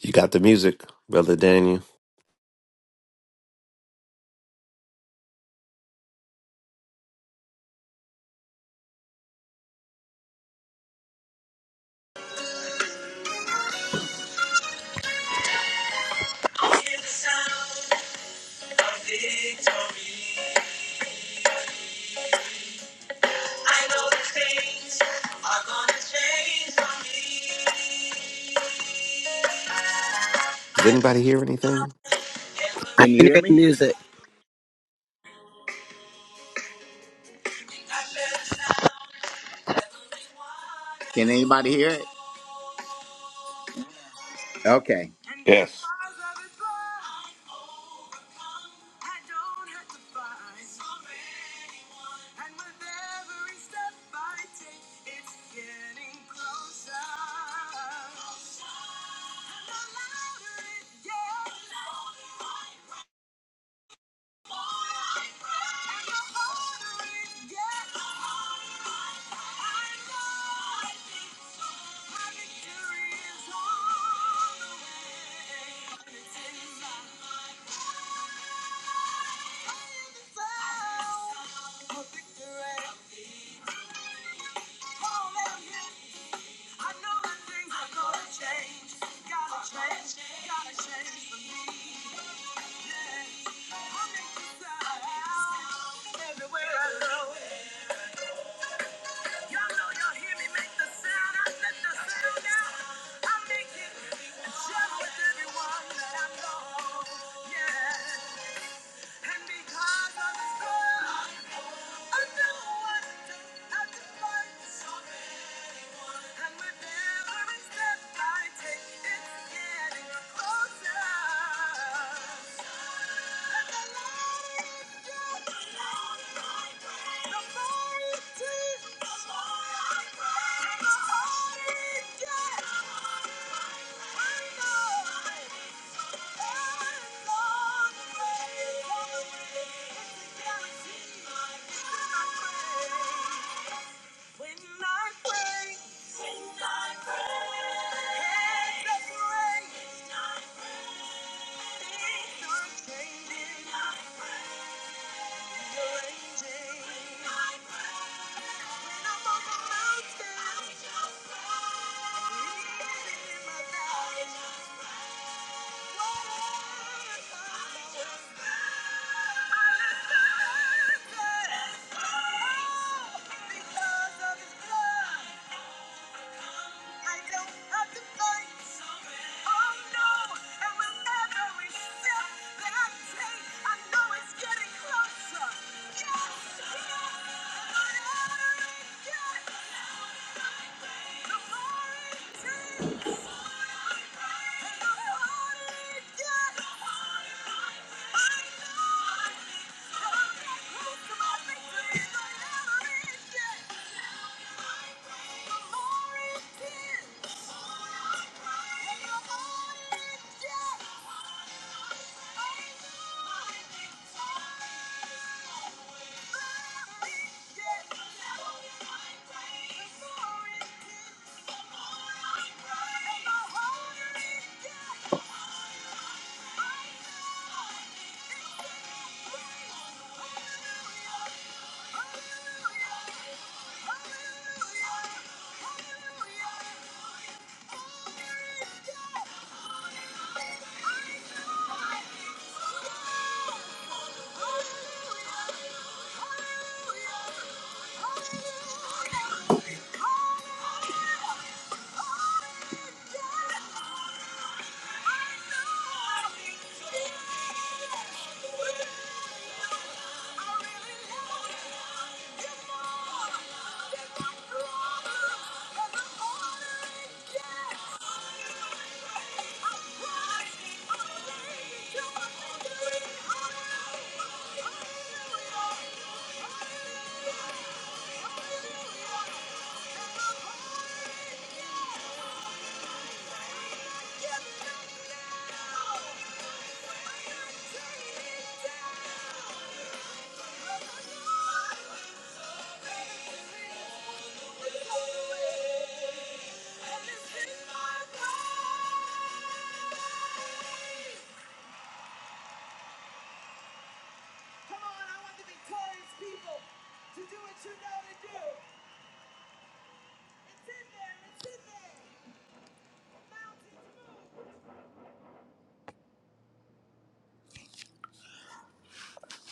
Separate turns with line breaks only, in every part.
You got the music, Brother Daniel. Does anybody hear anything?
I
Can you
can
hear
hear the
me?
music.
Can anybody hear it? Okay.
Yes.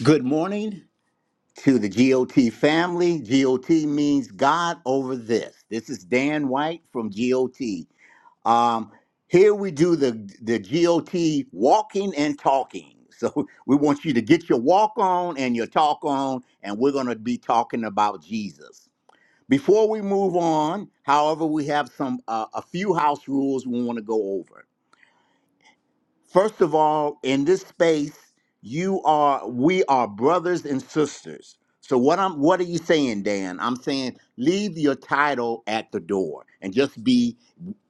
Good morning to the GOT family. GOT means God over this. This is Dan White from GOT. Um, here we do the the GOT walking and talking. So we want you to get your walk on and your talk on, and we're going to be talking about Jesus. Before we move on, however, we have some uh, a few house rules we want to go over. First of all, in this space, you are we are brothers and sisters. So what I'm what are you saying, Dan? I'm saying leave your title at the door and just be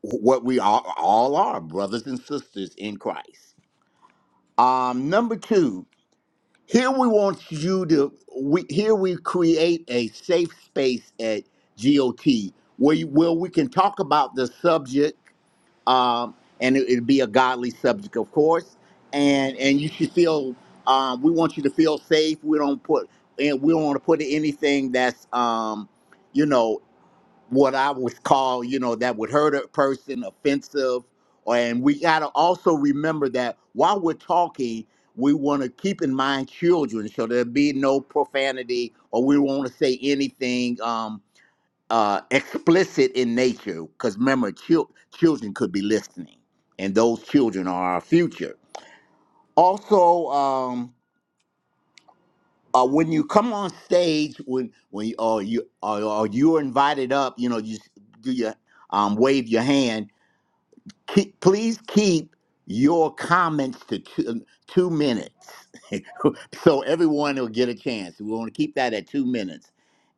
what we all, all are, brothers and sisters in Christ. Um, number two, here we want you to we here we create a safe space at GOT where you, where we can talk about the subject um, and it, it'd be a godly subject of course and and you should feel um, we want you to feel safe we don't put and we don't want to put anything that's um, you know what I would call, you know, that would hurt a person, offensive. or- And we got to also remember that while we're talking, we want to keep in mind children, so there be no profanity, or we want to say anything um, uh, explicit in nature. Because remember, chil- children could be listening, and those children are our future. Also, um, uh, when you come on stage, when when or you or, or you're invited up, you know, you s- do your um, wave your hand. Keep, please keep your comments to two, um, two minutes, so everyone will get a chance. We want to keep that at two minutes.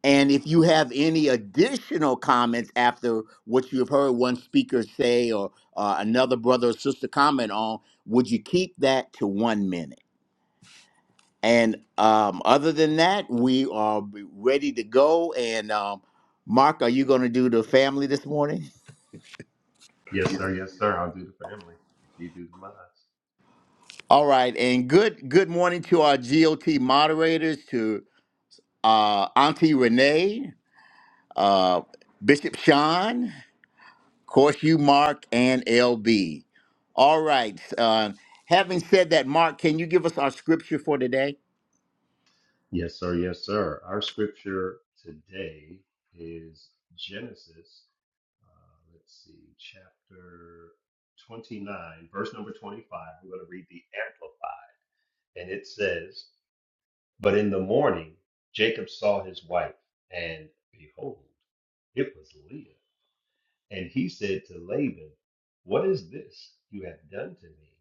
And if you have any additional comments after what you have heard one speaker say or uh, another brother or sister comment on, would you keep that to one minute? And um, other than that, we are ready to go. And um, Mark, are you going to do the family this morning?
Yes, sir. Yes, sir. I'll do the family if you do the mine.
All right. And good good morning to our GOT moderators, to uh, Auntie Renee, uh, Bishop Sean, of course, you, Mark, and LB. All right. Uh, having said that, Mark, can you give us our scripture for today?
Yes, sir. Yes, sir. Our scripture today is Genesis, uh, let's see, chapter 29, verse number 25. We're going to read the Amplified. And it says, But in the morning, Jacob saw his wife, and behold, it was Leah. And he said to Laban, What is this you have done to me?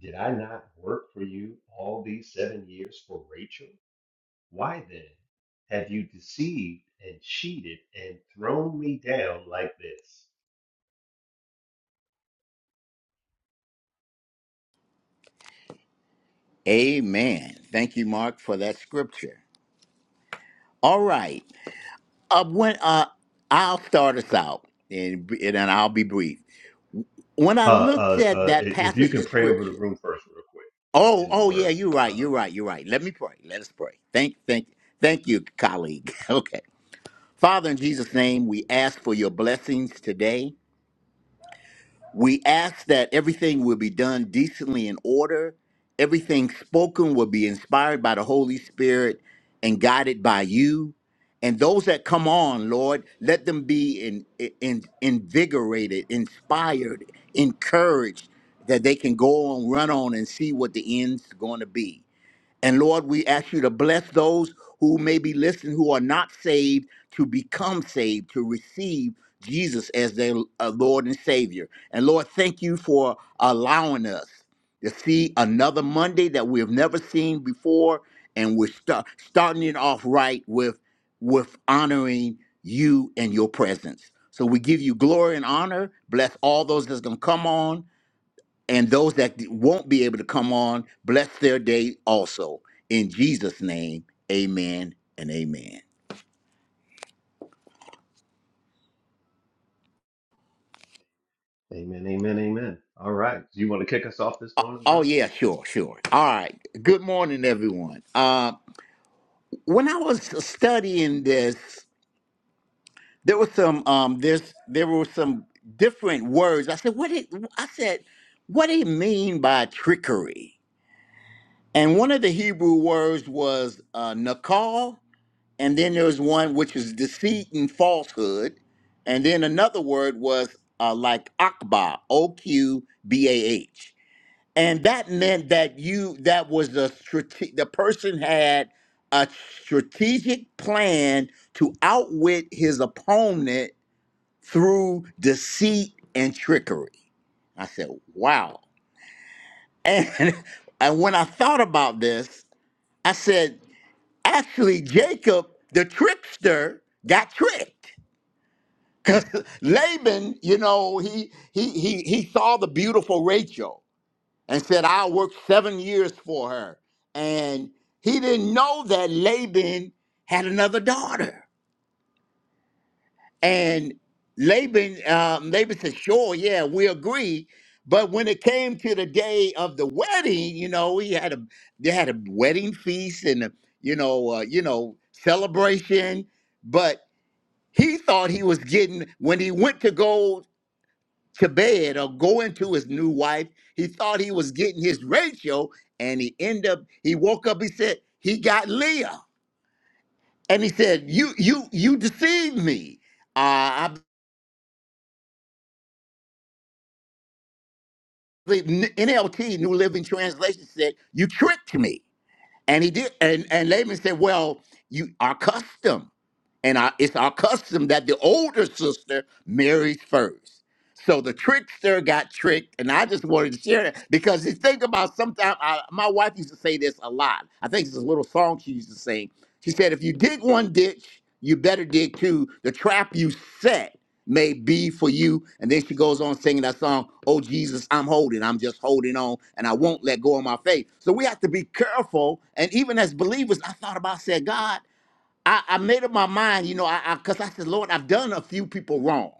Did I not work for you all these seven years for Rachel? Why then have you deceived and cheated and thrown me down like this?
Amen. Thank you, Mark, for that scripture. All right. uh, when uh, I'll start us out, and and then I'll be brief. When I
Uh,
looked
uh,
at
uh, i-
that
if you
passage
can
of
pray over the
scripture,
room first, real quick,
oh,
and the
oh yeah,
word.
you're right,
Uh,
you're right, you're right. Let me pray. Let us pray. Thank, thank, thank you, colleague. Okay, Father, in Jesus' name, we ask for your blessings today. We ask that everything will be done decently in order. Everything spoken will be inspired by the Holy Spirit and guided by you. And those that come on, Lord, let them be in, in, invigorated, inspired, encouraged that they can go on, run on, and see what the end's going to be. And Lord, we ask you to bless those who may be listening who are not saved to become saved, to receive Jesus as their uh, Lord and Savior. And Lord, thank you for allowing us to see another Monday that we have never seen before. And we're sta- starting it off right with, with honoring you and your presence. So we give you glory and honor. Bless all those that's going to come on and those that won't be able to come on, bless their day also. In Jesus' name, amen and amen.
amen, amen, amen. All right. Do you want to kick us off this morning,
Oh,
brother?
yeah, sure, sure. All right. Good morning, everyone. Uh, when I was studying this, there was some um there's there were some different words. I said, what it I said, what do you mean by trickery? And one of the Hebrew words was uh, nakal, and then there was one which was deceit and falsehood, and then another word was uh, like akbah, O Q B A H, and that meant that you that was a strate- the person had a strategic plan to outwit his opponent through deceit and trickery. I said, "Wow!" And and when I thought about this, I said actually Jacob, the trickster, got tricked. Laban, you know, he he he he saw the beautiful Rachel and said, "I'll work seven years for her." And he didn't know that Laban had another daughter. And Laban, um, Laban said, "Sure, yeah, we agree." But when it came to the day of the wedding, you know, he had a they had a wedding feast and a, you know, uh, you know, celebration. But He thought he was getting, when he went to go to bed or go into his new wife, he thought he was getting his ratio and he ended up, he woke up, he said, he got Leah. And he said, you, you, you deceived me. Uh, I believe NLT, New Living Translation said, you tricked me. And he did, and, and Laban said, well, you are custom. And our, it's our custom that the older sister marries first. So the trickster got tricked, and I just wanted to share that because you think about sometimes I, my wife used to say this a lot. I think it's a little song she used to sing. She said, "If you dig one ditch, you better dig two. The trap you set may be for you." And then she goes on singing that song, "Oh Jesus, I'm holding, I'm just holding on, and I won't let go of my faith." So we have to be careful. And even as believers, I thought about I said, God. I, I made up my mind, you know, I, because I cause I said, Lord, I've done a few people wrong.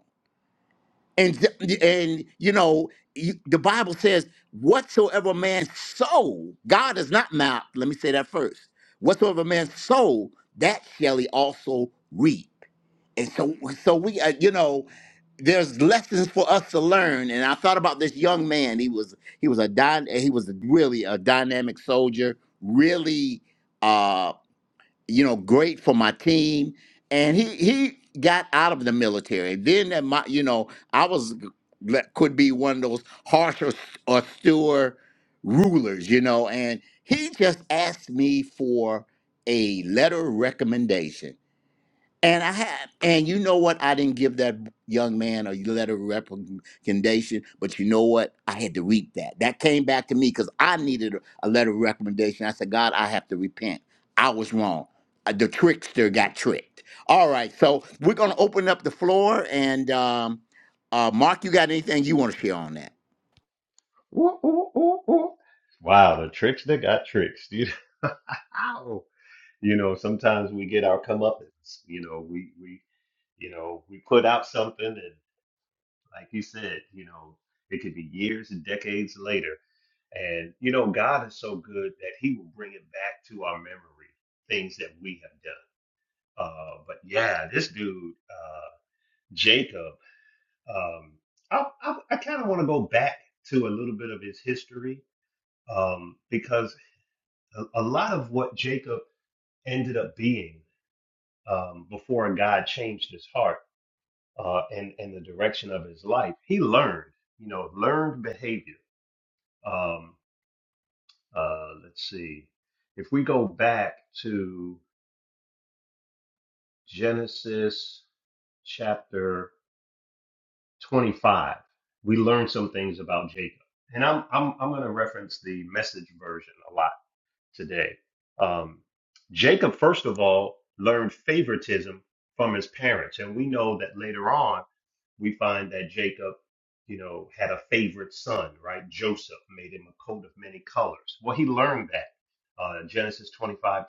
And th- and you know, you, the Bible says, whatsoever man sow, God is not mouth. Let me say that first. Whatsoever man sow, that shall he also reap. And so so we uh, you know, there's lessons for us to learn. And I thought about this young man. He was he was a dy- he was really a dynamic soldier, really uh, you know, great for my team. And he he got out of the military. Then that my you know, I was that could be one of those harsh or, or steward rulers, you know. And he just asked me for a letter of recommendation and I have, and you know what? I didn't give that young man a letter of recommendation, but you know what? I had to reap that. That came back to me because I needed a a letter of recommendation. I said, God, I have to repent. I was wrong. Uh, The trickster got tricked. All right, so we're going to open up the floor, and um, uh, Mark, you got anything you want to share on that?
Ooh, ooh, ooh, ooh. Wow, the tricks that got tricks, dude. You know, sometimes we get our comeuppance. You know, we we you know we put out something, and like you said, you know, it could be years and decades later. And you know, God is so good that He will bring it back to our memory things that we have done. Uh, but yeah, this dude uh, Jacob, um, I, I, I kind of want to go back to a little bit of his history um, because a, a lot of what Jacob ended up being. um, before God changed his heart uh, and and the direction of his life. He learned, you know, learned behavior. Um, uh, let's see, if we go back to Genesis chapter 25, we learn some things about Jacob, and I'm I'm I'm going to reference the message version a lot today. Um, Jacob, first of all, learned favoritism from his parents. And we know that later on, we find that Jacob, you know, had a favorite son, right? Joseph made him a coat of many colors. Well, he learned that. Uh, Genesis 25:28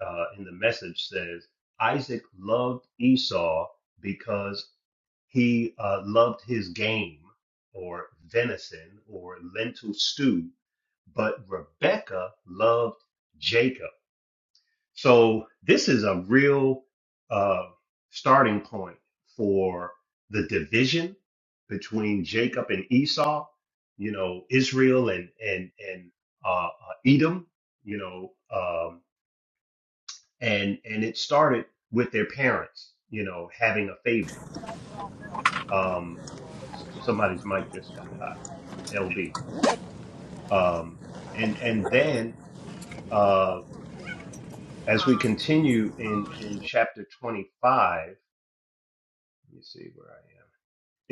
uh, in the message says, Isaac loved Esau because he uh, loved his game or venison or lentil stew but Rebecca loved Jacob. So this is a real uh, starting point for the division between Jacob and Esau. You know, Israel and and and uh, uh, Edom. You know, um, and and it started with their parents. You know, having a favorite. Um, s- somebody's mic just got hot. LB. Um, and and then uh, as we continue in in chapter 25 let me see where i am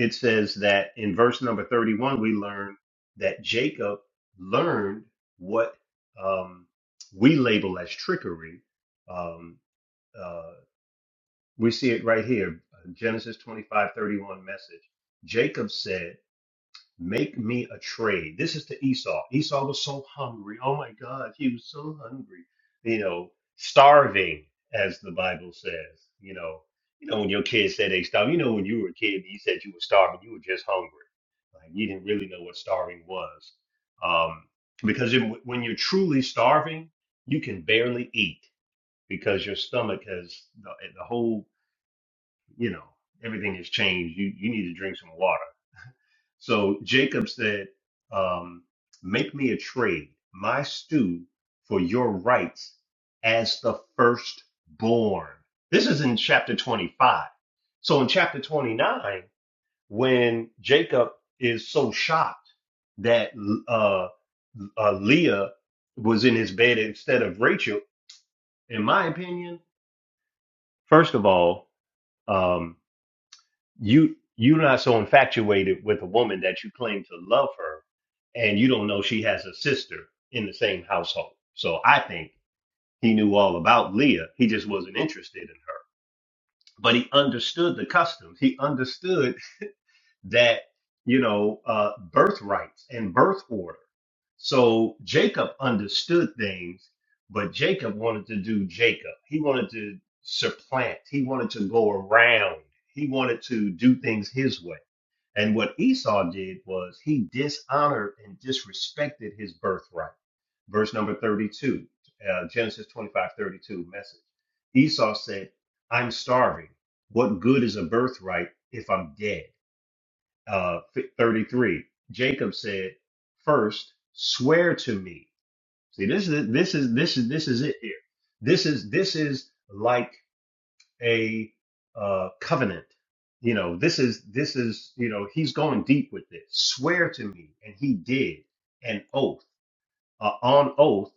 it says that in verse number 31 we learn that jacob learned what um, we label as trickery um, uh, we see it right here genesis 25 31 message jacob said Make me a trade. This is to Esau. Esau was so hungry. Oh my God, he was so hungry. You know, starving, as the Bible says. You know, you know when your kids say they starve. You know when you were a kid, you said you were starving. You were just hungry. Like you didn't really know what starving was, um, because it, when you're truly starving, you can barely eat because your stomach has the, the whole. You know, everything has changed. You you need to drink some water so Jacob said, um, Make me a trade, my stew, for your rights as the firstborn. This is in chapter 25. So in chapter 29, when Jacob is so shocked that uh, uh, Leah was in his bed instead of Rachel, in my opinion, first of all, um, you you're not so infatuated with a woman that you claim to love her and you don't know she has a sister in the same household so i think he knew all about leah he just wasn't interested in her but he understood the customs he understood that you know uh, birthrights and birth order. So Jacob understood things, but Jacob wanted to do Jacob. He wanted to supplant. He wanted to go around. He wanted to do things his way. And what Esau did was he dishonored and disrespected his birthright. Verse number 32, uh, Genesis 25 32. message. Esau said, I'm starving. What good is a birthright if I'm dead? uh, 33 jacob said first swear to me see this is this is this is this is it here this is this is like a uh, covenant you know this is this is you know he's going deep with this swear to me and he did an oath uh, on oath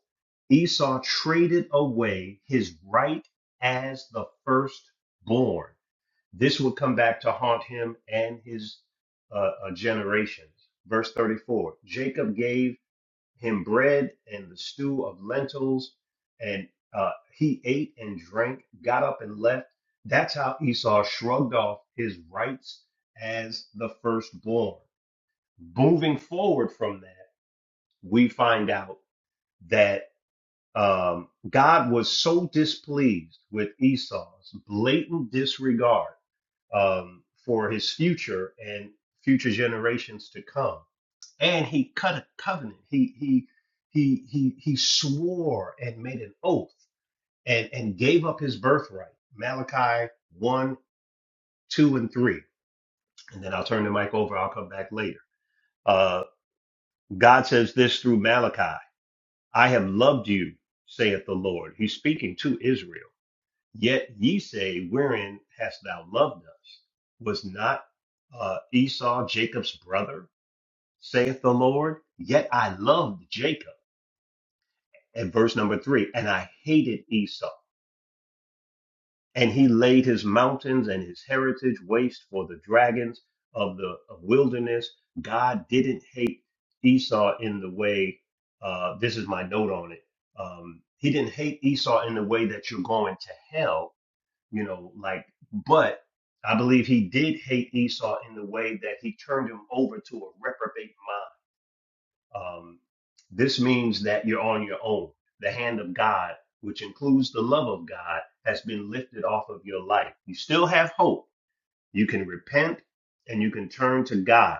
esau traded away his right as the firstborn this would come back to haunt him and his uh, uh, generations. Verse 34 Jacob gave him bread and the stew of lentils, and uh, he ate and drank, got up and left. That's how Esau shrugged off his rights as the firstborn. Moving forward from that, we find out that um, God was so displeased with Esau's blatant disregard um, for his future and future generations to come. And he cut a covenant. He he he he he swore and made an oath and and gave up his birthright. Malachi one, two, and three. And then I'll turn the mic over. I'll come back later. Uh, God says this through Malachi: "I have loved you," saith the Lord. He's speaking to Israel. Yet ye say, Wherein hast thou loved us? Was not uh, Esau Jacob's brother, saith the Lord? Yet I loved Jacob. And verse number three, and I hated Esau. And he laid his mountains and his heritage waste for the dragons of the wilderness. God didn't hate Esau in the way, uh, this is my note on it. Um, he didn't hate Esau in the way that you're going to hell you know, like, but I believe he did hate Esau in the way that he turned him over to a reprobate mind. Um, this means that you're on your own. The hand of God, which includes the love of God, has been lifted off of your life. You still have hope. You can repent and you can turn to God,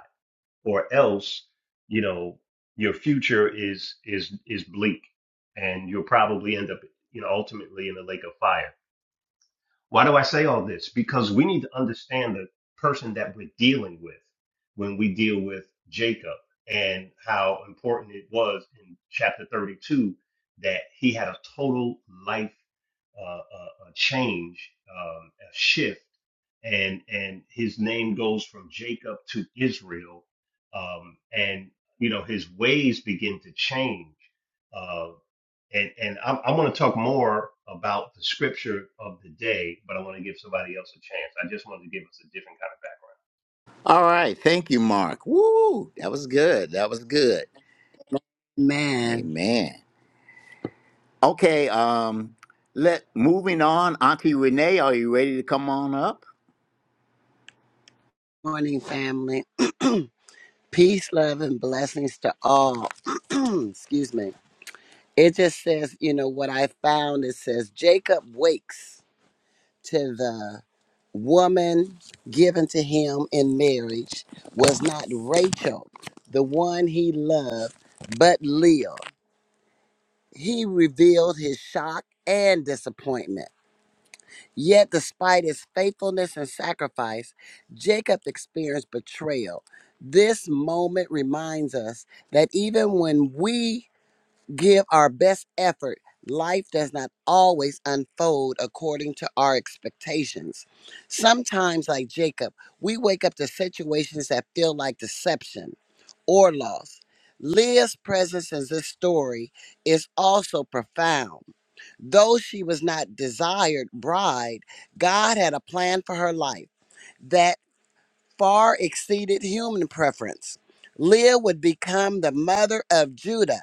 or else, you know, your future is is is bleak, and you'll probably end up, you know, ultimately in the lake of fire. Why do I say all this? Because we need to understand the person that we're dealing with when we deal with Jacob and how important it was in chapter 32 that he had a total life uh, uh, uh, change, um, a shift, and and his name goes from Jacob to Israel, um, and you know his ways begin to change. uh, and and I'm, I'm going to talk more about the scripture of the day, but I want to give somebody else a chance. I just wanted to give us a different kind
All right, thank you, Mark. Woo, that was good. That was good.
Man,
Amen. Okay, um, let moving on. Auntie Renee, are you ready to come on up?
morning family. Peace, love, and blessings to all. Excuse me. It just says, you know, what I found it says Jacob wakes to the woman given to him in marriage was not Rachel, the one he loved, but Leah. He revealed his shock and disappointment. Yet, despite his faithfulness and sacrifice, Jacob experienced betrayal. This moment reminds us that even when we give our best effort, life does not always unfold according to our expectations. Sometimes, like Jacob, we wake up to situations that feel like deception or loss. Leah's presence in this story is also profound. Though she was not desired bride, God had a plan for her life that far exceeded human preference. Leah would become the mother of Judah,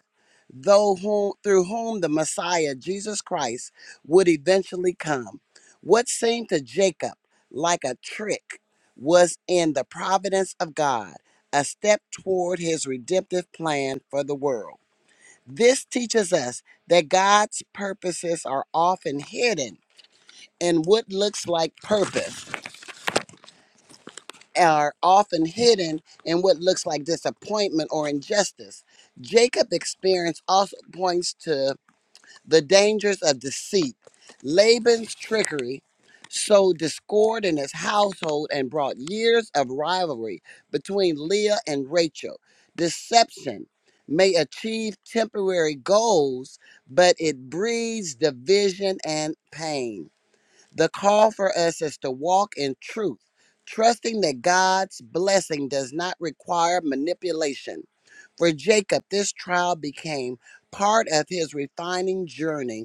though whom, through whom the Messiah, Jesus Christ, would eventually come. What seemed to Jacob like a trick was in the providence of God, a step toward his redemptive plan for the world. This teaches us that God's purposes are often hidden and what looks like purpose are often hidden in what looks like disappointment or injustice. Jacob's experience also points to the dangers of deceit. Laban's trickery sowed discord in his household and brought years of rivalry between Leah and Rachel. Deception may achieve temporary goals, but it breeds division and pain. The call for us is to walk in truth, trusting that God's blessing does not require manipulation. For Jacob, this trial became part of his refining journey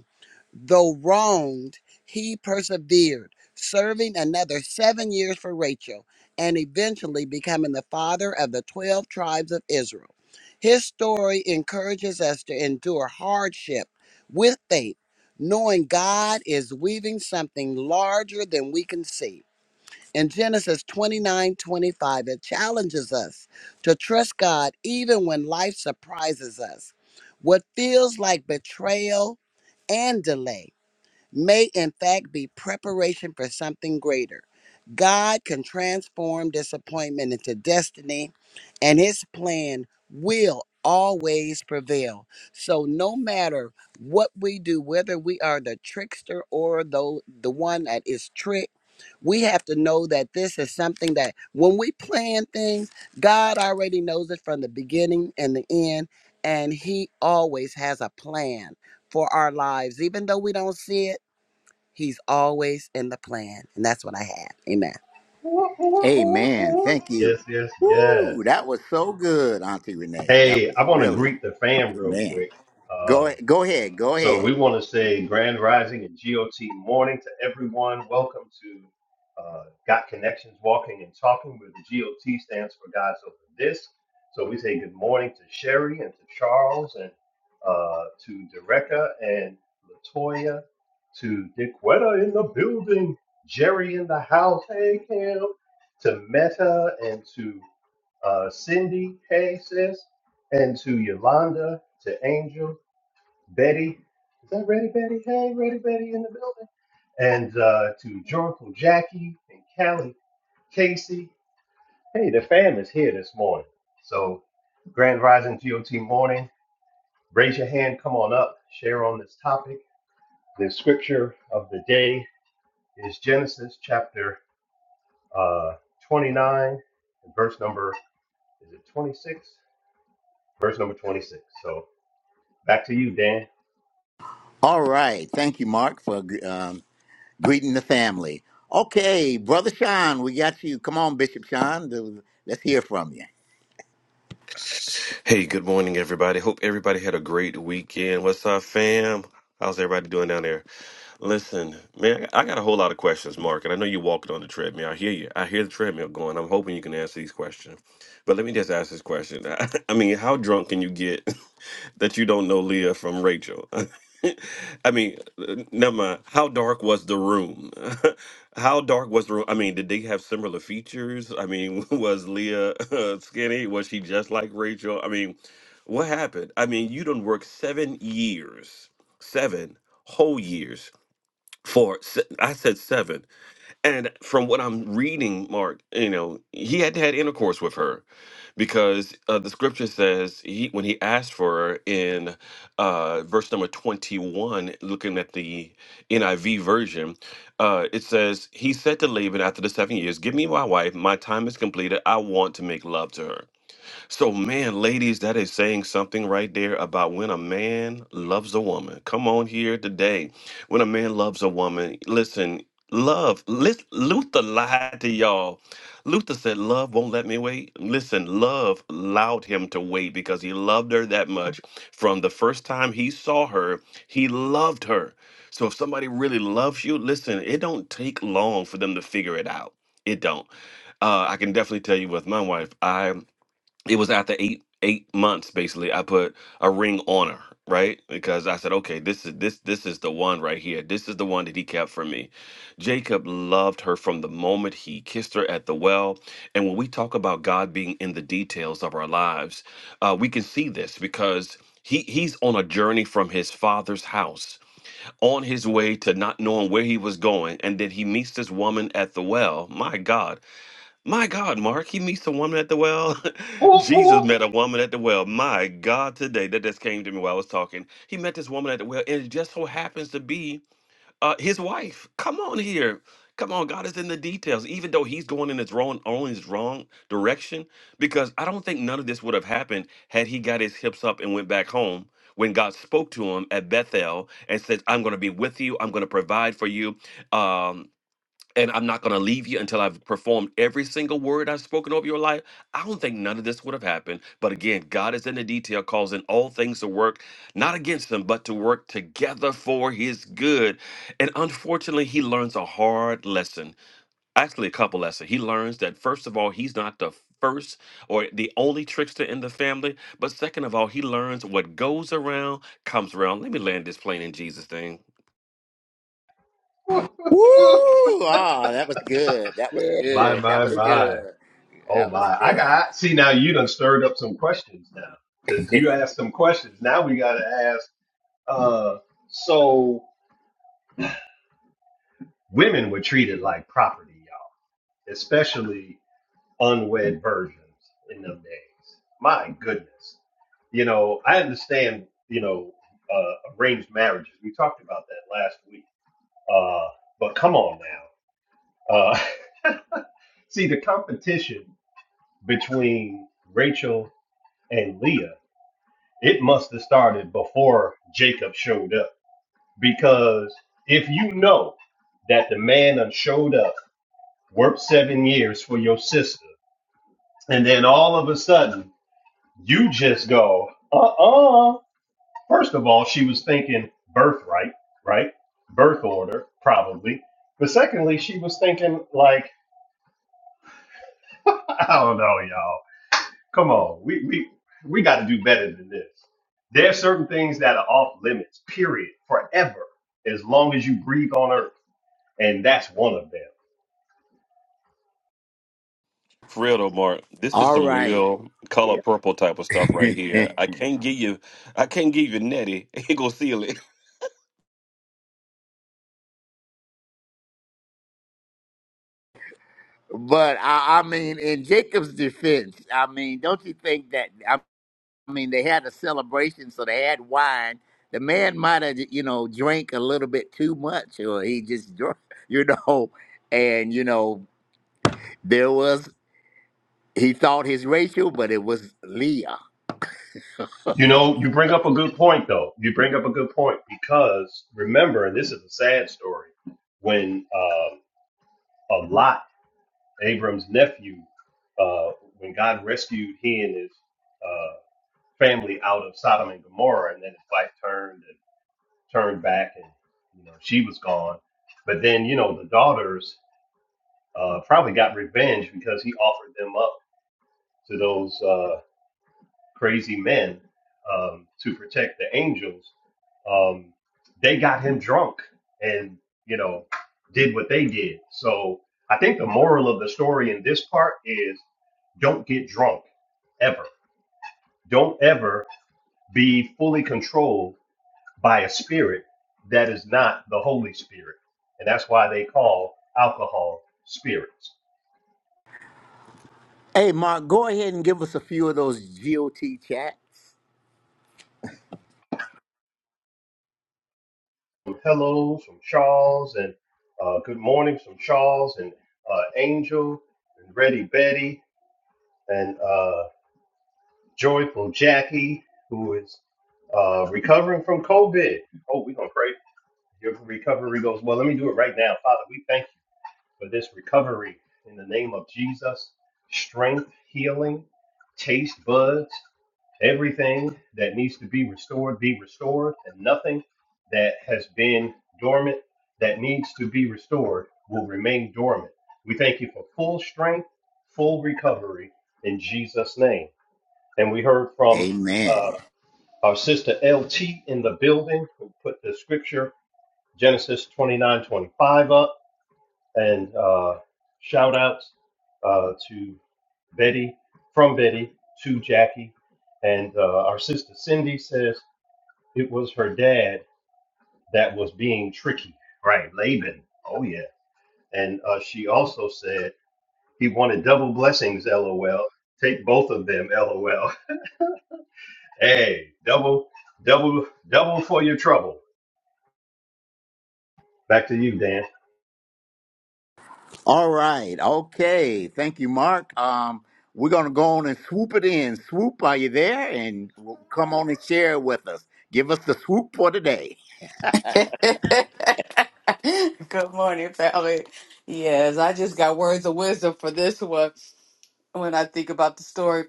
Though wronged, he persevered, serving another seven years for Rachel and eventually becoming the father of the 12 tribes of Israel. His story encourages us to endure hardship with faith, knowing God is weaving something larger than we can see. In Genesis 29 25, it challenges us to trust God even when life surprises us. What feels like betrayal and delay may in fact be preparation for something greater. God can transform disappointment into destiny, and his plan will always prevail. So no matter what we do, whether we are the trickster or the, the one that is tricked, we have to know that this is something that when we plan things, God already knows it from the beginning and the end, and he always has a plan for our lives, even though we don't see it He's always in the plan. And that's what I have. Amen.
of
Amen.
background.
Thank you.
Yes, yes, yes.
Woo, that was so good, Auntie Renee. That
Hey,
was
I want to
really
greet the fam real
amen.
quick.
Go
Um,
go ahead, go
So
ahead.
we want to say grand rising and GOT morning to everyone. Welcome to uh, Got Connections Walking and Talking, where the GOT stands for God's Open Disc. So we say good morning to Sherry and to Charles and uh, to Dereka and Latoya, to Dequetta in the building, Jerry in the house, hey Cam, to Meta and to uh, Cindy, hey sis, and to Yolanda, to Angel, Betty. Is that Ready Betty? Hey, Ready Betty in the building. And uh, to joyful Jackie and Callie, Casey. Hey, the fam is here this morning. So, Grand Rising GOT morning. Raise your hand, come on up, share on this topic. The scripture of the day is Genesis chapter uh, 29, and verse number, is it 26? Verse number 26. So, back to you, Dan.
All right, thank you, Mark, for um, greeting the family. Okay, brother Sean, we got you. Come on, Bishop Sean, do- let's hear from you.
Hey, good morning, everybody. Hope everybody had a great weekend. What's up, fam? How's everybody doing down there? Listen, man, I got a whole lot of questions, Mark, and I know you're walking on the treadmill. I hear you. I hear the treadmill going. I'm hoping you can answer these questions. But let me just ask this question. I mean, how drunk can you get? that you don't know Leah from Rachel. I mean, uh, never mind. How dark was the room? How dark was the room? I mean, did they have similar features? I mean, was Leah uh, skinny? Was she just like Rachel? I mean, what happened? I mean, you done worked seven years, seven whole years for, se- I said seven and from what I'm reading, Mark, you know, he had had intercourse with her because uh, the scripture says he, when he asked for her in uh, verse number 21, looking at the NIV version, uh, it says, He said to Laban after the seven years, Give me my wife. My time is completed. I want to make love to her. So, man, ladies, that is saying something right there about when a man loves a woman. Come on here today. When a man loves a woman, listen, love, lis- Luther lied to y'all. Luther said, Love won't let me wait. Listen, love allowed him to wait because he loved her that much. From the first time he saw her, he loved her. So, if somebody really loves you, listen, it don't take long for them to figure it out. It don't. Uh, I can definitely tell you with my wife it was after eight eight months basically i put a ring on her right because i said okay this is this this is the one right here this is the one that he kept for me jacob loved her from the moment he kissed her at the well and when we talk about god being in the details of our lives uh, we can see this because he, he's on a journey from his father's house on his way to not knowing where he was going and then he meets this woman at the well my god my God, Mark, he meets a woman at the well. Jesus met a woman at the well. My God, today that just came to me while I was talking. He met this woman at the well, and it just so happens to be uh, his wife. Come on here. Come on, God is in the details, even though he's going in his wrong, only his wrong direction. Because I don't think none of this would have happened had he got his hips up and went back home when God spoke to him at Bethel and said, I'm going to be with you. I'm going to provide for you. Um, and I'm not going to leave you until I've performed every single word I've spoken over your life. I don't think none of this would have happened. But again, God is in the detail, causing all things to work, not against them, but to work together for his good. And unfortunately, he learns a hard lesson, actually, a couple lessons. He learns that, first of all, he's not the first or the only trickster in the family. But second of all, he learns what goes around comes around. Let me land this plane in Jesus' name.
Woo! Ah, that was good. That was
Yes.
My,
good. That
my,
was
my.
good.
Oh
That was
my! I
good.
got see now. You done stirred up some questions now because you asked some questions. Now we gotta ask. Uh, so women were treated like property, y'all, especially unwed virgins in them days. My goodness, you know I understand. You know uh, arranged marriages. We talked about that last week. Uh, but come on now. Uh, see the competition between Rachel and Leah It must have started before Jacob showed up. Because if you know that the man that showed up, worked seven years for your sister, and then all of a sudden you just go, uh uh. First of all, she was thinking birthright, right? Birth order, probably. But secondly, she was thinking, like, I don't know, y'all. Come on, we we we got to do better than this. There are certain things that are off limits, period, forever, as long as you breathe on earth, and that's one of them.
For real though, Mark, this is
All
some
right.
real color
Yeah.
purple type of stuff right here. I can't give you, I can't give you Nettie. Ain't gonna seal it.
But I, I mean, in Jacob's defense, I mean, don't you think that? I mean, they had a celebration, so they had wine. The man might have, you know, drank a little bit too much, or he just drunk, you know. And you know, there was he thought his racial, but it was Leah.
You know, you bring up a good point though. You bring up a good point because remember, and this is a sad story, when um, a Lot, Abram's nephew, uh, when God rescued he and his uh, family out of Sodom and Gomorrah, and then his wife turned turned back and you know she was gone but then you know the daughters uh, probably got revenge because he offered them up to those uh, crazy men um, to protect the angels um, they got him drunk and you know did what they did so i think the moral of the story in this part is don't get drunk ever don't ever be fully controlled by a spirit that is not the Holy Spirit. And that's why they call alcohol spirits.
Hey, Mark, go ahead and give us a few of those GOT chats.
Some hellos from Charles and uh, good mornings from Charles and uh, Angel and Ready Betty and uh, Joyful Jackie, who is uh, recovering from COVID. Oh, we're going to pray. Your recovery goes well. Let me do it right now. Father, we thank you. for this recovery in the name of Jesus. Strength, healing, taste buds, everything that needs to be restored be restored, and nothing that has been dormant that needs to be restored will remain dormant. We thank you for full strength, full recovery in Jesus' name. And we heard from uh,
Amen.
our sister LT in the building who put the scripture Genesis 29:25 up and uh, shout outs uh, to Betty, from Betty to Jackie. And uh, our sister Cindy says it was her dad that was being tricky. Right, Laban. Oh, yeah. And uh, she also said he wanted double blessings, lol. Take both of them, lol. Hey, double, double, double for your trouble. Back to you, Dan.
All right. Okay. Thank you, Mark. Um, we're going to go on and swoop it in. Swoop, are you there? And w- come on and share it with us. Give us the swoop for today.
Good morning, family. Yes, I just got words of wisdom for this one. When I think about the story,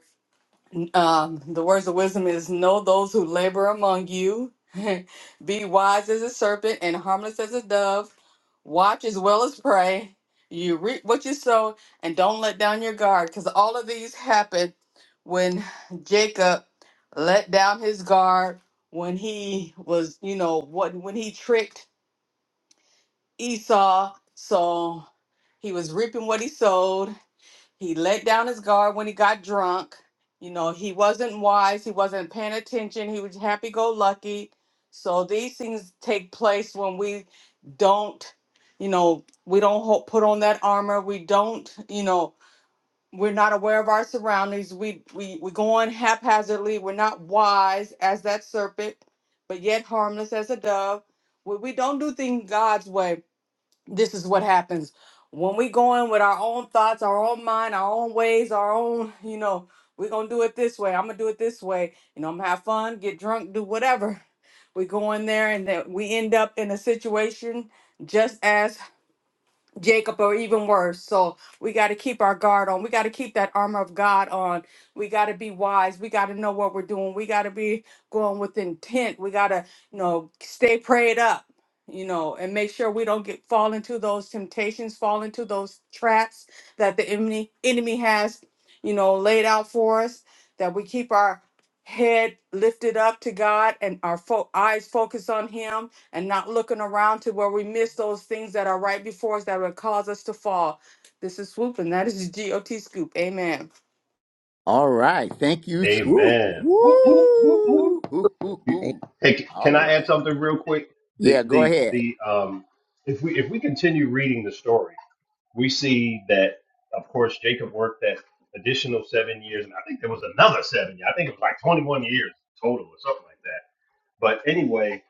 um, the words of wisdom is know those who labor among you, be wise as a serpent and harmless as a dove. Watch as well as pray. You reap what you sow, and don't let down your guard, because all of these happen when Jacob let down his guard when he was, you know, what when he tricked Esau. So he was reaping what he sowed. He let down his guard when he got drunk. You know, he wasn't wise. He wasn't paying attention. He was happy go lucky. So these things take place when we don't, you know, we don't ho- put on that armor. We don't, you know, we're not aware of our surroundings. We we we go on haphazardly. We're not wise as that serpent, but yet harmless as a dove. We, we don't do things God's way this is what happens when we go in with our own thoughts, our own mind, our own ways, our own, you know, we're going to do it this way. I'm going to do it this way. You know, I'm going to have fun, get drunk, do whatever. We go in there and then we end up in a situation just as Jacob or even worse. So we got to keep our guard on. We got to keep that armor of God on. We got to be wise. We got to know what we're doing. We got to be going with intent. We got to, you know, stay prayed up, you know, and make sure we don't get fall into those temptations, fall into those traps that the enemy enemy has, you know, laid out for us. That we keep our head lifted up to God and our fo- eyes focused on Him and not looking around to where we miss those things that are right before us that would cause us to fall. This is Swoop, and that is GOT Scoop. Amen.
All right. Thank you, Swoop.
Amen. Whoop, whoop, whoop, whoop.
Woo! Hoo, hoo,
You-
Ain't
hoo.
Hey, c-
All
can I
right.
add something real quick? The
Yeah, go
the
ahead.
the um, if we if we continue reading the story, we see that of course Jacob worked that additional seven years, and I think there was another seven. years. I think it was like twenty one years total or something like that. But anyway,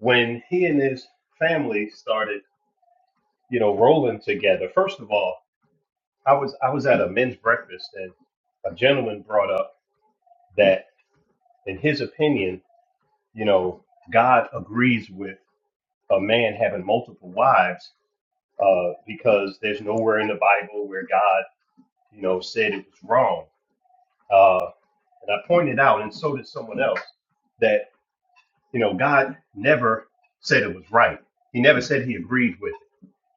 when he and his family started, you know, rolling together, first of all, I was I was at a men's breakfast, and a gentleman brought up that, in his opinion, you know, God agrees with. a man having multiple wives uh, because there's nowhere in the Bible where God, you know, said it was wrong. Uh, and I pointed out, and so did someone else, that you know God never said it was right. He never said He agreed with it.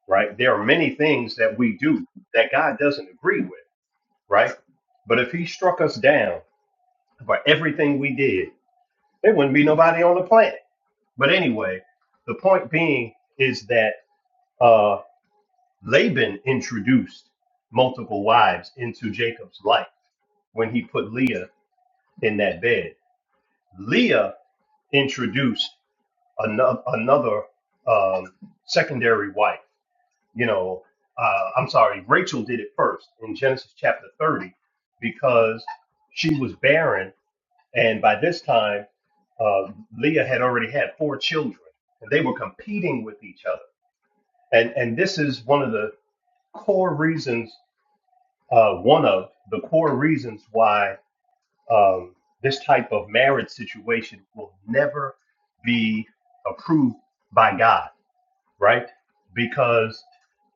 Right? There are many things that we do that God doesn't agree with. Right? But if He struck us down for everything we did, there wouldn't be nobody on the planet. But anyway, the point being is that. uh, Laban introduced multiple wives into Jacob's life when he put Leah in that bed. Leah introduced another, another um, secondary wife. You know, uh, I'm sorry, Rachel did it first in Genesis chapter 30 because she was barren. And by this time, uh, Leah had already had four children and they were competing with each other. And, and this is one of the core reasons uh, one of the core reasons why um, this type of marriage situation will never be approved by God, right? Because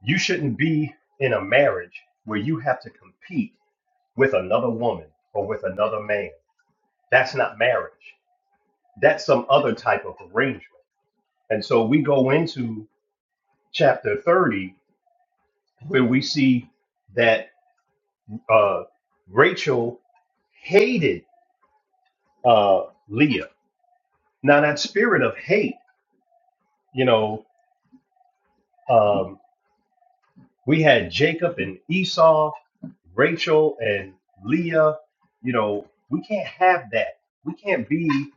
you shouldn't be in a marriage where you have to compete with another woman or with another man. That's not marriage, that's some other type of arrangement. And so we go into chapter 30 where we see that uh, Rachel hated uh, Leah. Now that spirit of hate, you know, um, we had Jacob and Esau, Rachel and Leah. You know, we can't have that. We can't be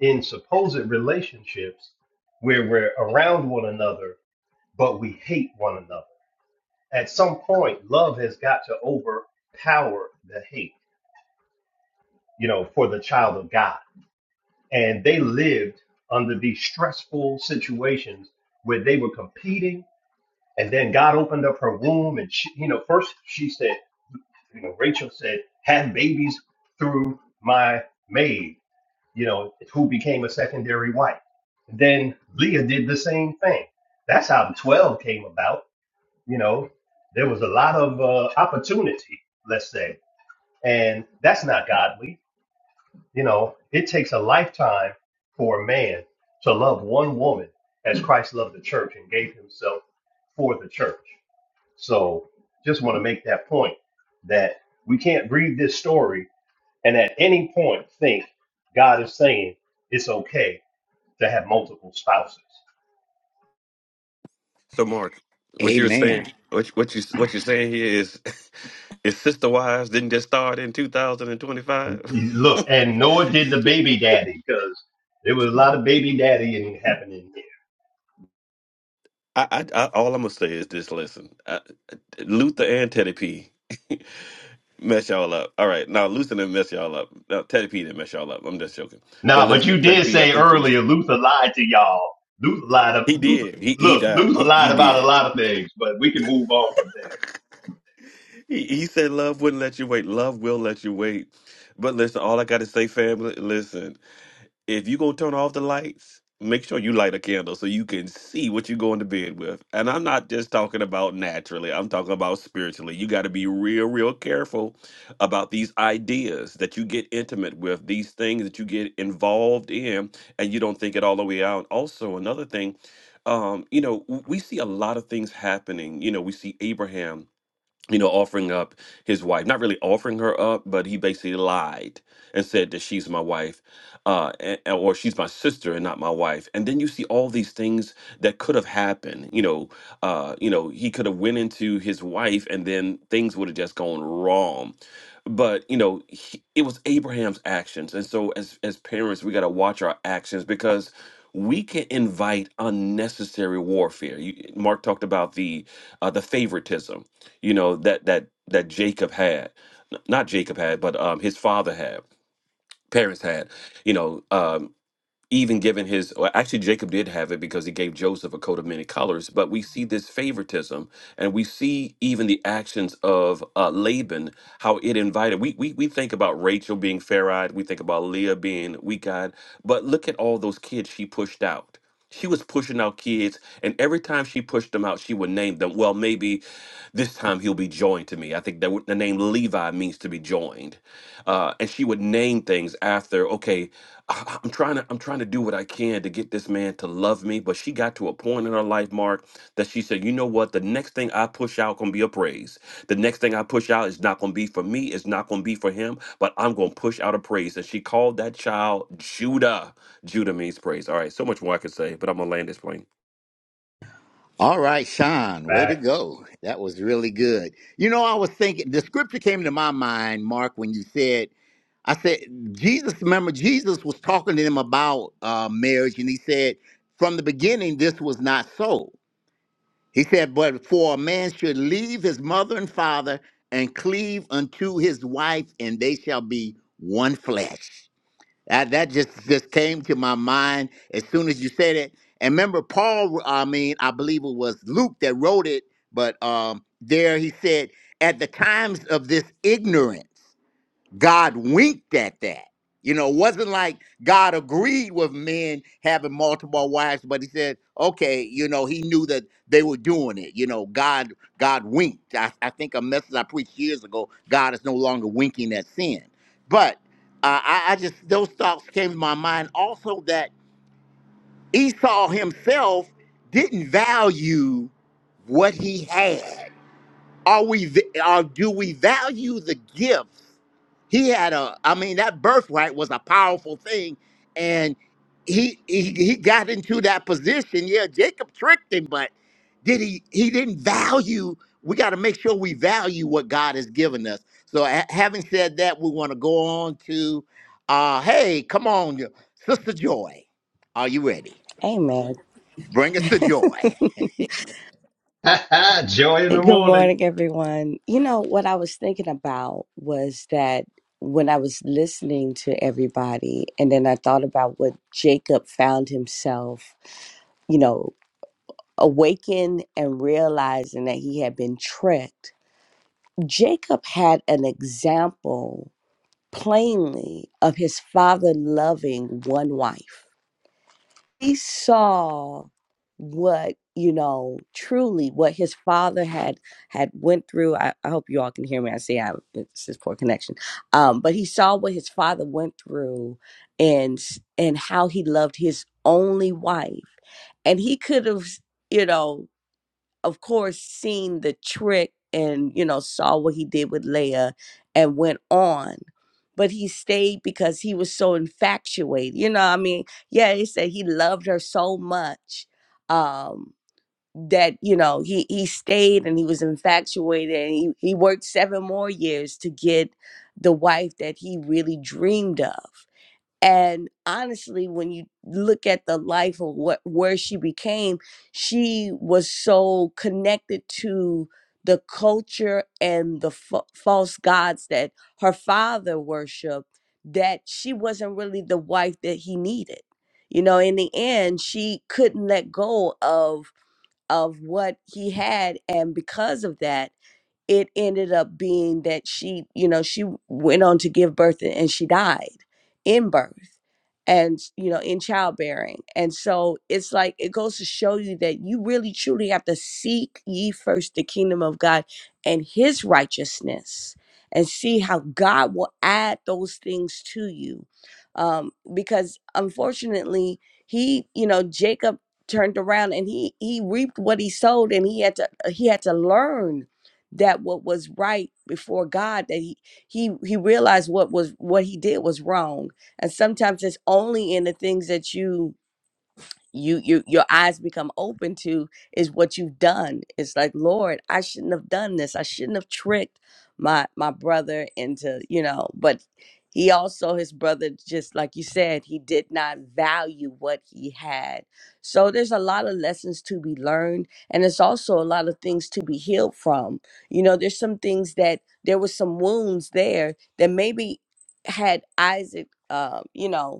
in supposed relationships where we're around one another, but we hate one another. At some point, love has got to overpower the hate. You know, for the child of God, and they lived under these stressful situations where they were competing And then God opened up her womb, and she, you know, first she said, you know, Rachel said, have babies through my maid, you know, who became a secondary wife. Then Leah did the same thing. That's how 12 came about. You know, there was a lot of uh, opportunity, let's say, and that's not godly. You know, it takes a lifetime for a man to love one woman as Christ loved the church and gave himself for the church. So just want to make that point that we can't read this story and at any point think God is saying it's okay to have multiple spouses.
So, Mark, what you're saying,
Amen.
what you- what you what you're saying here is, is Sister Wives didn't just start in 2025.
Look, and Noah did the baby daddy because there was a lot of baby daddy happening
I, I, I all I'm gonna say is this: listen, I, Luther and Teddy P mess y'all up. All right, now Luther didn't mess y'all up. No, Teddy P didn't mess y'all up. I'm just joking. But
Nah, but you
listen, Teddy
did
P, I
say
think it was
earlier Luther lied to y'all. Luther lied. Of,
he
Luther,
did. He he
look,
died.
Luther
He
lied
he
about a
did.
lot of things, but we can move on from there.
He, he said love wouldn't let you wait. Love will let you wait. But listen, all I gotta say, family, listen, if you gonna turn off the lights, make sure you light a candle so you can see what you're going to bed with. And I'm not just talking about naturally, I'm talking about spiritually. You gotta be real, real careful about these ideas that you get intimate with, these things that you get involved in, and you don't think it all the way out. Also, another thing, um, you know, w- we see a lot of things happening. You know, we see Abraham you know, offering up his wife, not really offering her up, but he basically lied and said that she's my wife, uh, and, or she's my sister and not my wife. And then you see all these things that could have happened. You know, uh, you know, he could have went into his wife, and then things would have just gone wrong. But you know, he, it was Abraham's actions, and so as as parents, we got to watch our actions because we can invite unnecessary warfare. You, Mark talked about the uh, the favoritism you know that that that Jacob had, N- not Jacob had, but um, his father had, parents had. You know, um, even given his well, actually jacob did have it because he gave joseph a coat of many colors but we see this favoritism and we see even the actions of uh, laban how it invited we, we we think about rachel being fair-eyed we think about leah being weak-eyed but look at all those kids she pushed out she was pushing out kids and every time she pushed them out she would name them well maybe this time he'll be joined to me i think that w- the name levi means to be joined uh, and she would name things after okay I- I'm trying to I'm trying to do what I can to get this man to love me, but she got to a point in her life, Mark, that she said, "You know what? The next thing I push out gonna be a praise. The next thing I push out is not gonna be for me. It's not gonna be for him, but I'm gonna push out a praise." And she called that child Judah. Judah means praise. All right, so much more I could say, but I'm gonna land this plane.
All right, Sean, way to go. That was really good. You know, I was thinking, the scripture came to my mind, Mark, when you said I said, Jesus, remember, Jesus was talking to them about uh, marriage, and he said, from the beginning, this was not so. He said, but for a man should leave his mother and father and cleave unto his wife, and they shall be one flesh. That, that just, just came to my mind as soon as you said it. And remember, Paul, I mean, I believe it was Luke that wrote it, but um, there he said, at the times of this ignorance. God winked at that. You know, it wasn't like God agreed with men having multiple wives, but he said, okay, you know, he knew that they were doing it. You know, God, God winked. I, I think a message I preached years ago, God is no longer winking at sin. But uh, I, I just, those thoughts came to my mind also that Esau himself didn't value what he had. Are we, va- or do we value the gifts? he had a i mean that birthright was a powerful thing and he he, he got into that position yeah jacob tricked him but did he he didn't value we got to make sure we value what god has given us so ha- having said that we want to go on to uh hey come on yo- sister joy are you ready
Amen.
bring us the joy
Facts. Joy in
Eh,
the
Good
morning.
morning, everyone. You know, what I was thinking about was that when I was listening to everybody, and then I thought about what Jacob found himself, you know, awakened and realizing that he had been tricked. Jacob had an example plainly of his father loving one wife he saw what you know truly what his father had had went through i, I hope you all can hear me i see i'm it's just poor connection um but he saw what his father went through and and how he loved his only wife and he could have you know of course, seen the trick and, you know, saw what he did with Leia and went on. But he stayed because he was so infatuated. You know, I mean, yeah, he said he loved her so much um, that, you know, he, he stayed and he was infatuated and he, he worked seven more years to get the wife that he really dreamed of and honestly when you look at the life of what where she became she was so connected to the culture and the fa- false gods that her father worshiped that she wasn't really the wife that he needed you know in the end she couldn't let go of of what he had and because of that it ended up being that she, you know, she went on to give birth and she died in birth and, you know, in childbearing. And so it's like, it goes to show you that you really truly have to seek ye first the kingdom of God and his righteousness and see how God will add those things to you. Um, because unfortunately, he, you know, Jacob turned around and he he reaped what he sowed and he had to he had to learn that what was right before God that he he he realized what was what he did was wrong. And sometimes it's only in the things that you you you your eyes become open to is what you've done it's like lord i shouldn't have done this i shouldn't have tricked my my brother into you know but he also his brother just like you said he did not value what he had so there's a lot of lessons to be learned and there's also a lot of things to be healed from you know there's some things that there was some wounds there that maybe had isaac um you know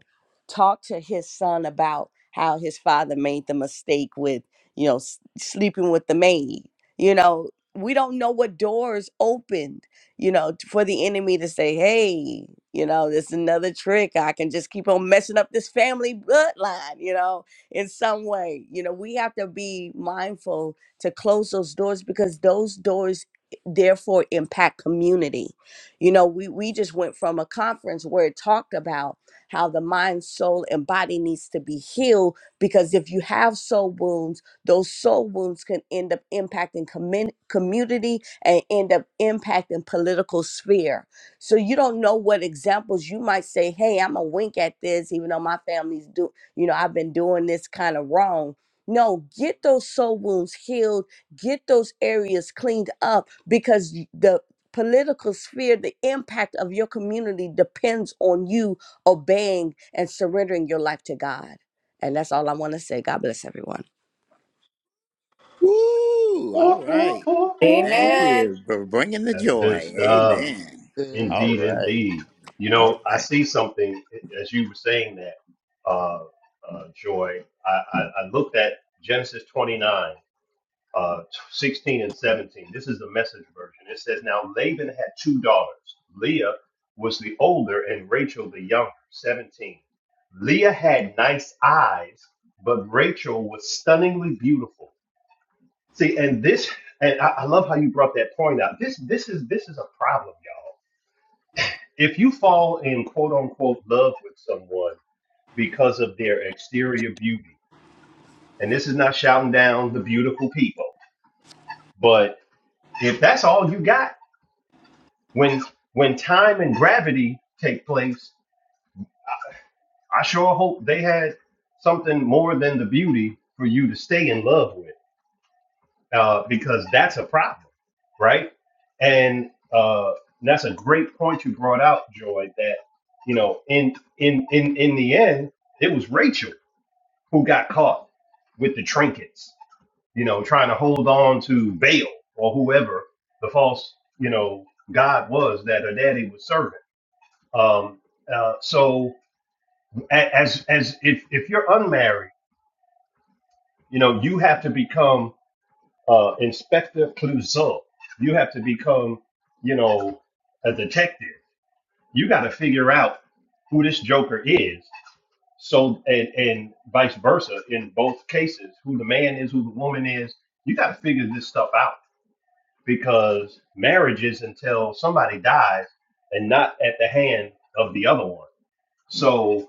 talked to his son about how his father made the mistake with, you know, s- sleeping with the maid. You know, we don't know what doors opened, you know, t- for the enemy to say, hey, you know, this is another trick. I can just keep on messing up this family bloodline, you know, in some way. You know, we have to be mindful to close those doors because those doors eh, therefore impact community. You know, we we just went from a conference where it talked about how the mind, soul, and body needs to be healed. Because if you have soul wounds, those soul wounds can end up impacting commun- community and end up impacting political sphere. So you don't know what examples you might say, hey, I'm a wink at this, even though my family's do, you know, I've been doing this kind of wrong. No, get those soul wounds healed, get those areas cleaned up because y- the political sphere, the impact of your community depends on you obeying and surrendering your life to God. And that's all I want to say. God bless everyone.
Woo! all right thank
Amen.
you for bringing the
That's good
joy
stuff.
amen
Good.
all
Indeed,
right
indeed. You
all
know,
right
I see something as you were saying that, uh, uh, Joy. I, I, I looked at Genesis 29, uh, 16 and 17. This is the message version. It says, Now Laban had two daughters. Leah was the older and Rachel the younger, 17. Leah had nice eyes, but Rachel was stunningly beautiful. See, and this, and I, I love how you brought that point out. This, this is this is a problem, y'all. If you fall in quote unquote love with someone because of their exterior beauty, and this is not shouting down the beautiful people, but if that's all you got, when when time and gravity take place, I sure hope they had something more than the beauty for you to stay in love with. uh, because that's a problem, right? And uh, that's a great point you brought out, Joy. That you know, in in in in the end, it was Rachel who got caught with the trinkets. You know, trying to hold on to Baal or whoever the false, you know, God was that her daddy was serving. Um, uh, so a- as as if if you're unmarried, you know, you have to become uh, Inspector Clouseau. You have to become, you know, a detective. You got to figure out who this Joker is. So and and vice versa in both cases, who the man is, who the woman is. You got to figure this stuff out because marriage is until somebody dies, and not at the hand of the other one. So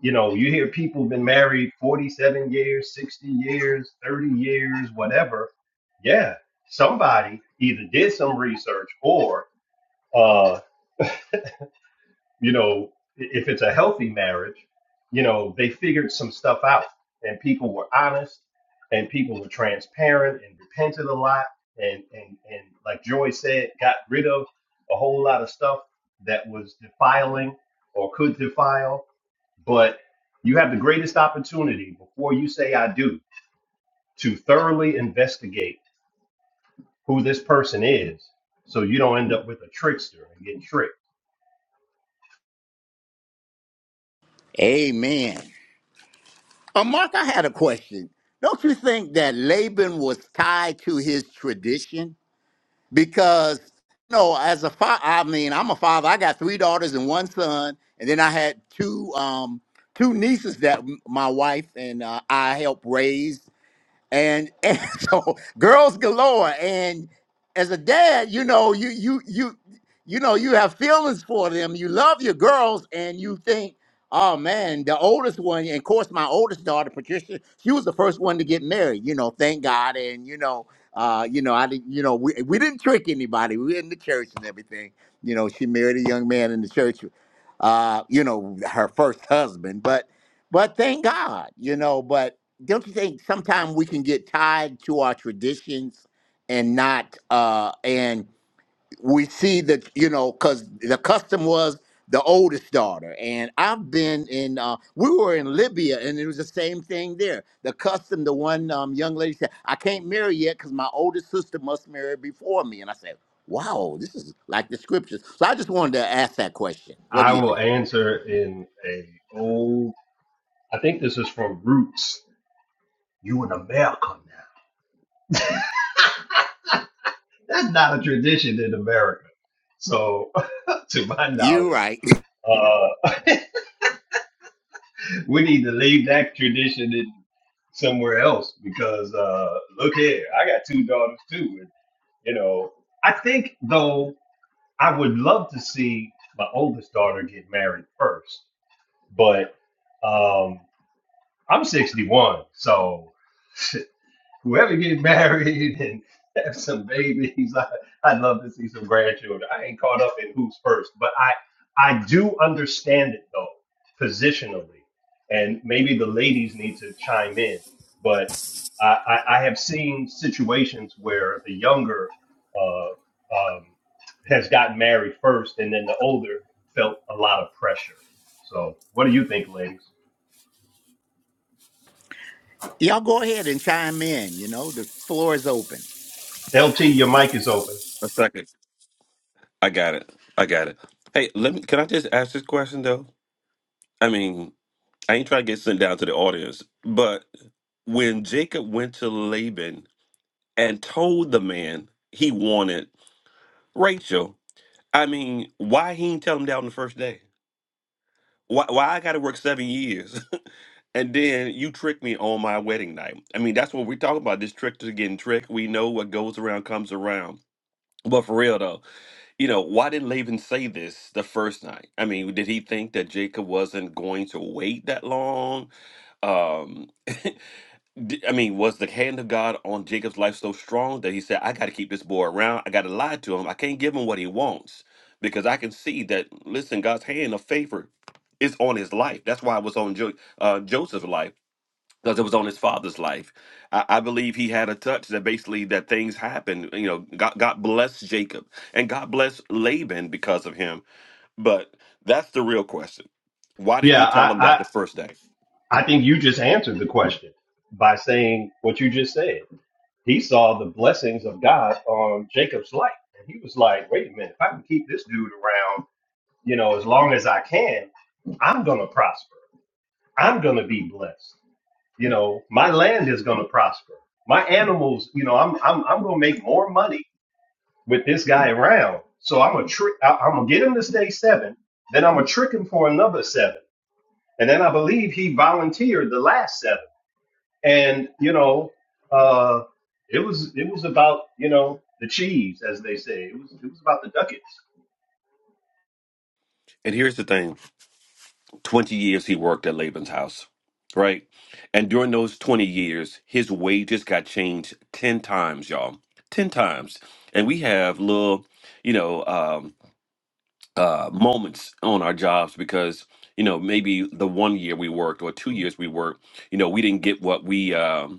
you know, you hear people been married 47 years, 60 years, 30 years, whatever. Yeah, somebody either did some research or, uh, you know, if it's a healthy marriage, you know, they figured some stuff out and people were honest and people were transparent and repented a lot. And, and, and like Joy said, got rid of a whole lot of stuff that was defiling or could defile but you have the greatest opportunity before you say I do to thoroughly investigate who this person is so you don't end up with a trickster and get tricked.
Amen. Uh, Mark, I had a question. Don't you think that Laban was tied to his tradition? Because, you know, as a father, I mean, I'm a father. I got three daughters and one son, and then I had two um, two nieces that m- my wife and uh, I helped raise and and so girls galore and as a dad you know you you you you know you have feelings for them you love your girls and you think oh man the oldest one and of course my oldest daughter patricia she was the first one to get married you know thank god and you know uh, you know, I didn't. You know, we, we didn't trick anybody. We were in the church and everything. You know, she married a young man in the church. Uh, you know, her first husband. But but thank God. You know, but don't you think sometimes we can get tied to our traditions and not uh and we see that you know because the custom was the oldest daughter and i've been in uh we were in libya and it was the same thing there the custom the one um, young lady said i can't marry yet because my oldest sister must marry before me and i said wow this is like the scriptures so i just wanted to ask that question what
I
do you
will
think
answer in a old I think this is from Roots. You in America now. That's not a tradition in America. So to my
you're
knowledge,
right
uh, we need to leave that tradition in somewhere else because uh, look here, I got two daughters too. And You know, I think though I would love to see my oldest daughter get married first, but um, I'm 61, so whoever get married and have some babies, I, I'd love to see some grandchildren. I ain't caught up in who's first, but I I do understand it though, positionally, and maybe the ladies need to chime in. But I, I, I have seen situations where the younger uh, um, has gotten married first, and then the older felt a lot of pressure. So, what do you think, ladies?
y'all go ahead and chime in you know the floor is open
LT, your mic is open.
A second. I got it. I got it. Hey, let me. Can I just ask this question though? I mean, I ain't trying to get sent down to the audience, but when Jacob went to Laban and told the man he wanted Rachel. I mean, why he didn't tell him that on the first day? Why, why I got to work seven years and then you trick me on my wedding night? I mean, that's what we talk about. This trick to getting tricked. We know what goes around comes around. But for real though, you know, why didn't Laban say this the first night? I mean, did he think that Jacob wasn't going to wait that long? Um, D- I mean, was the hand of God on Jacob's life so strong that he said, I got to keep this boy around. I got to lie to him. I can't give him what he wants because I can see that, listen, God's hand of favor is on his life. That's why it was on jo- uh, Joseph's life because it was on his father's life. I-, I believe he had a touch that basically that things happened. You know, God, God blessed Jacob and God blessed Laban because of him. But that's the real question. Why did
Yeah,
he tell him
I,
that the first day?
I think you just answered the question by saying what you just said. He saw the blessings of God on Jacob's life. And he was like, wait a minute, if I can keep this dude around, you know, as long as I can, I'm going to prosper. I'm going to be blessed. You know, my land is going to prosper. My animals, you know, I'm, I'm, I'm going to make more money with this guy around. So I'm a trick, I- I'm going to get him to stay seven. Then I'm going to trick him for another seven. And then I believe he volunteered the last seven and you know, uh, it was it was about you know the cheese, as they say. It was it was about the ducats.
And here's the thing. 20 years he worked at Laban's house, right? And during those 20 years, his wages got changed 10 times, y'all. 10 times. And we have little, you know, um, uh, moments on our jobs because, you know, maybe the one year we worked or two years we worked, you know, we didn't get what we, um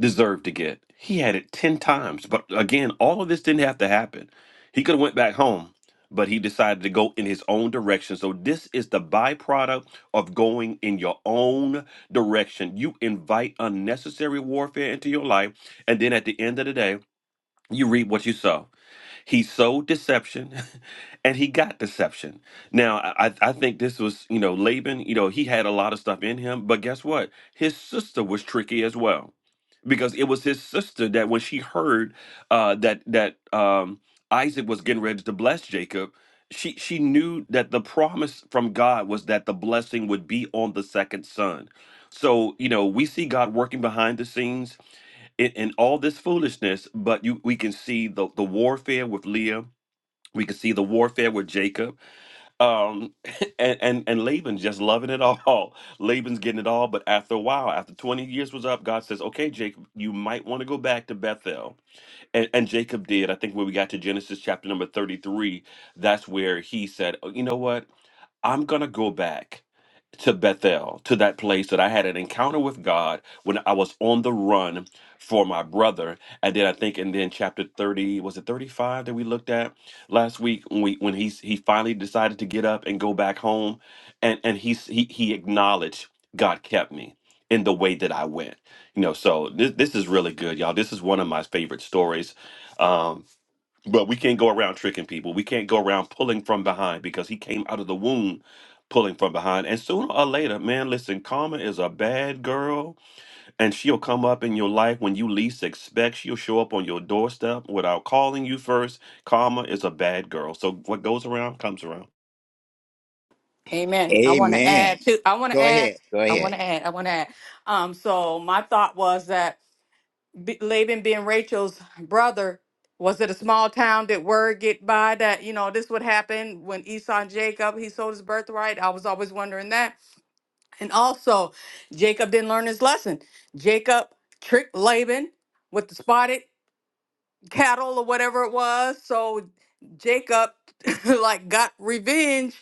deserved to get. He had it 10 times. But again, all of this didn't have to happen. He could have went back home, but he decided to go in his own direction. So this is the byproduct of going in your own direction. You invite unnecessary warfare into your life, and then at the end of the day, you reap what you sow. He sowed deception and he got deception. Now, I, I I think this was, you know, Laban, you know, he had a lot of stuff in him, but guess what? His sister was tricky as well. Because it was his sister that when she heard uh, that that um, Isaac was getting ready to bless Jacob, she she knew that the promise from God was that the blessing would be on the second son. So, you know, we see God working behind the scenes in, in all this foolishness, but you we can see the, the warfare with Leah. We can see the warfare with Jacob, um, and, and and Laban just loving it all. Laban's getting it all, but after a while, after twenty years was up, God says, "Okay, Jacob, you might want to go back to Bethel." And, and Jacob did. I think when we got to Genesis chapter number thirty-three, that's where he said, oh, "You know what? I'm going to go back to Bethel, to that place that I had an encounter with God when I was on the run for my brother. And then I think, and then chapter 30, was it 35 that we looked at last week when we, when he's, he finally decided to get up and go back home and, and he, he, he acknowledged God kept me in the way that I went, you know, so this, this is really good, y'all. This is one of my favorite stories. Um, but we can't go around tricking people. We can't go around pulling from behind because he came out of the womb pulling from behind. And sooner or later, man, listen, karma is a bad girl and she'll come up in your life when you least expect. She'll show up on your doorstep without calling you first. Karma is a bad girl. So what goes around comes around.
Amen. I want to add
Amen.
to. I want to
Go
add.
ahead. Go
I want
ahead.
to add. I want to add. Um. So my thought was that B- Laban being Rachel's brother was it a small town? Did word get by that you know this would happen when Esau and Jacob he sold his birthright? I was always wondering that. And also, Jacob didn't learn his lesson. Jacob tricked Laban with the spotted cattle or whatever it was. So Jacob like got revenge,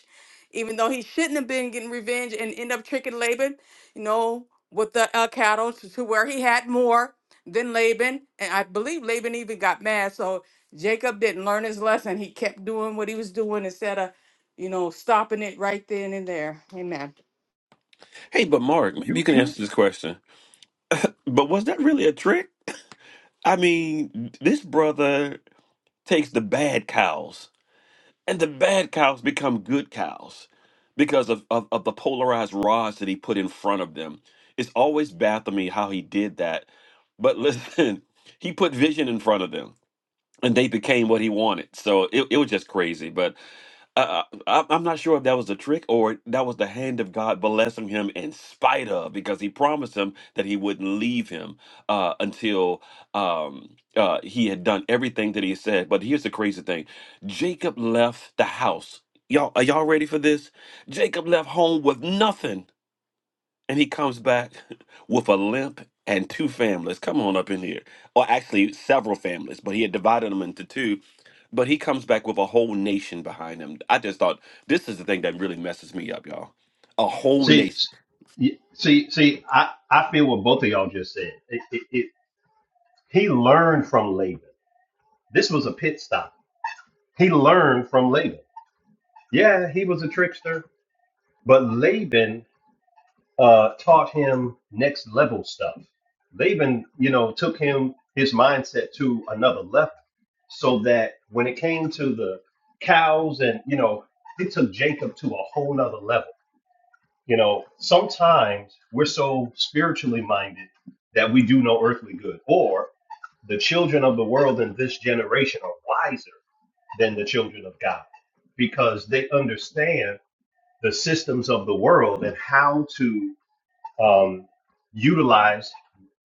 even though he shouldn't have been getting revenge, and end up tricking Laban, you know, with the uh, cattle to, to where he had more than Laban. And I believe Laban even got mad. So Jacob didn't learn his lesson. He kept doing what he was doing instead of, you know, stopping it right then and there. Amen.
Hey, but Mark, maybe
You
you can
you-
answer this question. But was that really a trick? I mean, this brother takes the bad cows. And the bad cows become good cows because of, of, of the polarized rods that he put in front of them. It's always baffled me how he did that. But listen, he put vision in front of them and they became what he wanted. So it, it was just crazy. But I, I, I'm not sure if that was a trick or that was the hand of God blessing him in spite of, because he promised him that he wouldn't leave him uh, until um, uh, he had done everything that he said. But here's the crazy thing Jacob left the house. Y'all, are y'all ready for this? Jacob left home with nothing and he comes back with a limp and two families. Come on up in here. Or actually, several families, but he had divided them into two. But he comes back with a whole nation behind him. I just thought this is the thing that really messes me up, y'all. A whole
see,
nation.
s- y- see, see. I I feel what both of y'all just said. It, it, it, he learned from Laban. This was a pit stop. He learned from Laban. Yeah, he was a trickster, but Laban uh, taught him next level stuff. They even, you know, took him his mindset to another level, so that when it came to the cows and you know, it took Jacob to a whole nother level. You know, sometimes we're so spiritually minded that we do no earthly good, or the children of the world in this generation are wiser than the children of God because they understand the systems of the world and how to um, utilize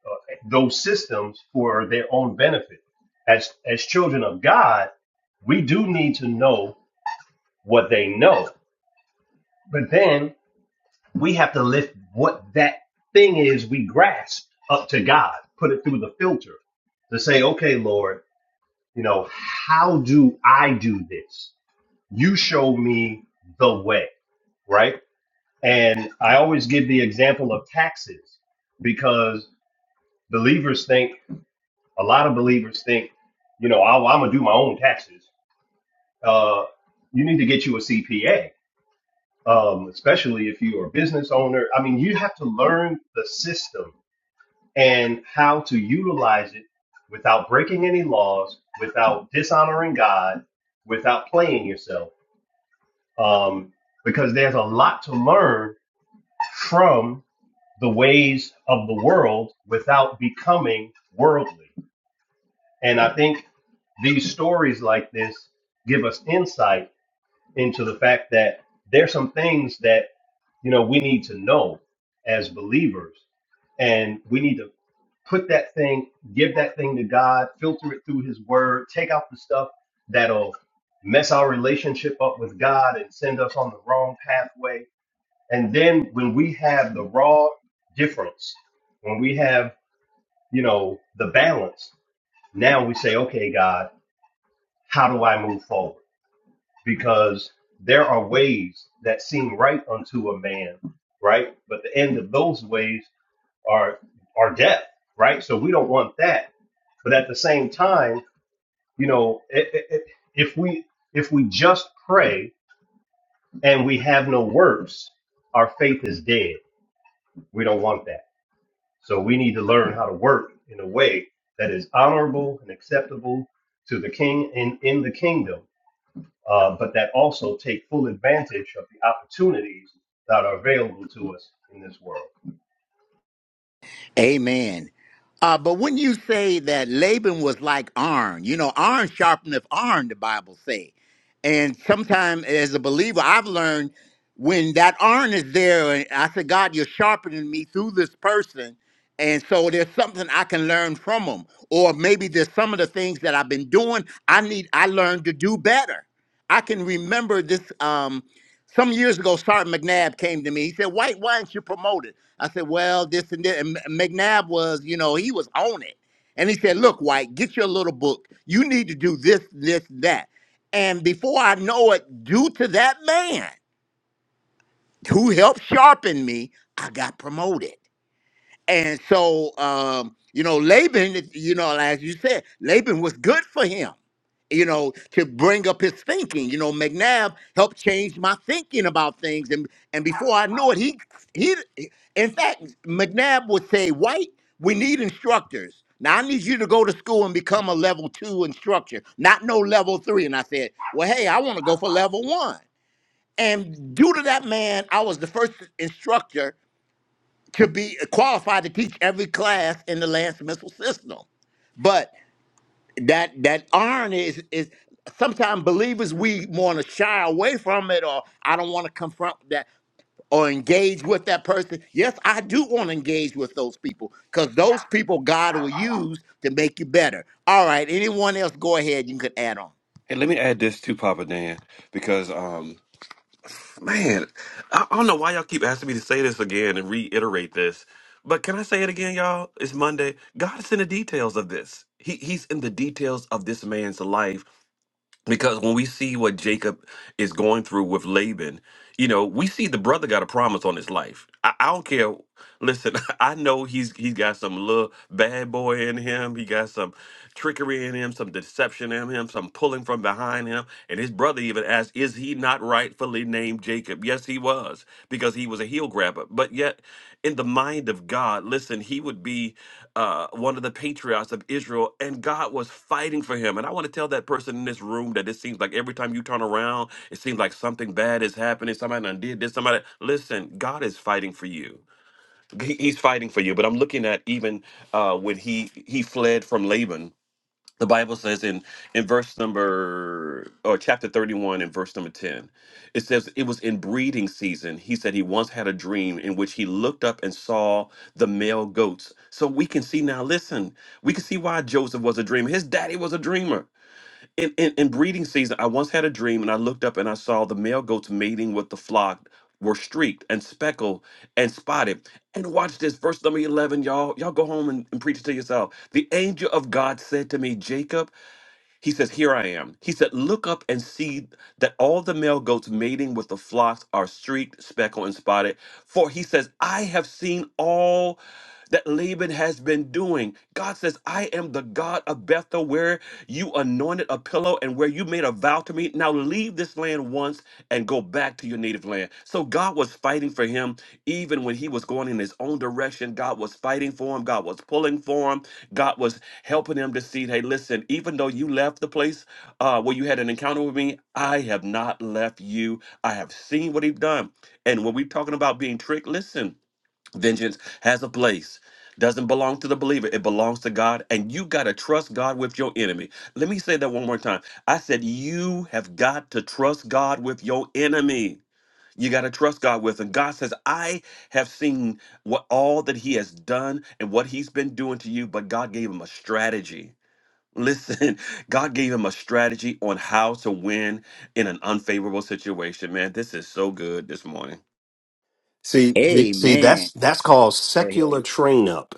uh, those systems for their own benefit. As as children of God, we do need to know what they know, but then we have to lift what that thing is we grasp up to God, put it through the filter to say, okay, Lord, you know, how do I do this? You show me the way, right? And I always give the example of taxes because believers think a lot of believers think, you know, I, I'm gonna do my own taxes. Uh, you need to get you a CPA, um, especially if you are a business owner. I mean, you have to learn the system and how to utilize it without breaking any laws, without dishonoring God, without playing yourself, um, because there's a lot to learn from the ways of the world without becoming worldly. And I think these stories like this give us insight into the fact that there's some things that you know we need to know as believers and we need to put that thing give that thing to god filter it through his word take out the stuff that'll mess our relationship up with god and send us on the wrong pathway and then when we have the raw difference when we have you know the balance now we say okay god how do I move forward? Because there are ways that seem right unto a man, right? But the end of those ways are are death, right? So we don't want that. But at the same time, you know, it, it, it- if we if we just pray and we have no works, our faith is dead. We don't want that. So we need to learn how to work in a way that is honorable and acceptable to the king and in the kingdom uh, but that also take full advantage of the opportunities that are available to us in this world.
Amen. Uh, but when you say that Laban was like iron, you know, iron sharpeneth iron, the Bible say. And sometimes as a believer, I've learned when that iron is there, and I said, God, you're sharpening me through this person. And so there's something I can learn from them. Or maybe there's some of the things that I've been doing I need I learned to do better. I can remember this. Um, Some years ago, Sergeant McNabb came to me. He said, White, why aren't you promoted? I said, Well, this and that. And M- McNabb was, you know, he was on it. And he said, Look, White, get your little book. You need to do this, this, that. And before I know it, due to that man who helped sharpen me, I got promoted. And so, um, you know, Laban, you know, as you said, Laban was good for him, you know, to bring up his thinking. You know, McNabb helped change my thinking about things. And and before I know it, he he in fact, McNabb would say, White, we need instructors. Now I need you to go to school and become a level two instructor, not no level three." And I said, Well, hey, I want to go for level one. And due to that man, I was the first instructor to be qualified to teach every class in the land missile system. But that that irony is is sometimes believers we want to shy away from it or I don't want to confront that or engage with that person. Yes, I do want to engage with those people because those people God will use to make you better. All right, anyone else go ahead, you can add on.
And let me add this to Papa Dan because, um, man, I I don't know why y'all keep asking me to say this again and reiterate this. But can I say it again, y'all? It's Monday. God is in the details of this. He, he's in the details of this man's life because when we see what Jacob is going through with Laban, you know, we see the brother got a promise on his life. I, I don't care. Listen, I know he's he's got some little bad boy in him. He got some trickery in him, some deception in him, some pulling from behind him. And his brother even asked, "Is he not rightfully named Jacob?" Yes, he was, because he was a heel grabber. But yet in the mind of God. Listen, he would be uh, one of the patriarchs of Israel, and God was fighting for him. And I want to tell that person in this room that it seems like every time you turn around, it seems like something bad is happening. Somebody done did this. Somebody, listen, God is fighting for you. He- He's fighting for you. But I'm looking at even uh, when he he fled from Laban the Bible says in in verse number or chapter 31 and verse number 10 it says it was in breeding season he said he once had a dream in which he looked up and saw the male goats so we can see now listen we can see why Joseph was a dreamer his daddy was a dreamer in, in, in breeding season, I once had a dream and I looked up and I saw the male goats mating with the flock were streaked and speckled and spotted. And watch this, verse number 11, y'all. Y'all go home and, and preach it to yourself. The angel of God said to me, Jacob, he says, Here I am. He said, Look up and see that all the male goats mating with the flocks are streaked, speckled, and spotted. For he says, I have seen all that Laban has been doing. God says, I am the God of Bethel, where you anointed a pillow and where you made a vow to me. Now leave this land once and go back to your native land. So God was fighting for him even when he was going in his own direction. God was fighting for him, God was pulling for him. God was helping them to see, hey, listen, even though you left the place uh, where you had an encounter with me, I have not left you. I have seen what he's done. And when we're talking about being tricked, listen, vengeance has a place. Doesn't belong to the believer. It belongs to God. And you got to trust God with your enemy. Let me say that one more time. I said, You have got to trust God with your enemy. You got to trust God with. And God says, I have seen what all that He has done and what He's been doing to you, but God gave him a strategy. Listen, God gave him a strategy on how to win in an unfavorable situation. Man, this is so good this morning.
See, see,
Amen.
that's that's called
Go ahead.
secular train up.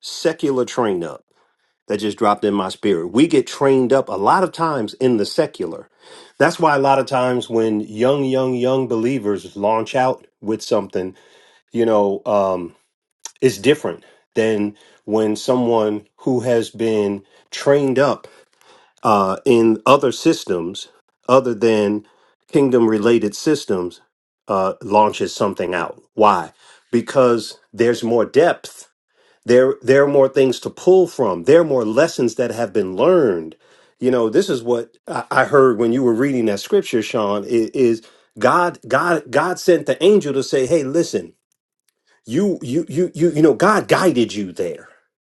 Secular train up. That just dropped in my spirit. We get trained up a lot of times in the secular. That's why a lot of times when young, young, young believers launch out with something, you know, um, it's different than when someone who has been trained up uh, in other systems other than kingdom related systems uh, launches something out why because there's more depth there there are more things to pull from there are more lessons that have been learned you know this is what i I heard when you were reading that scripture sean i- is god god god sent the angel to say hey listen you you you you you know god guided you there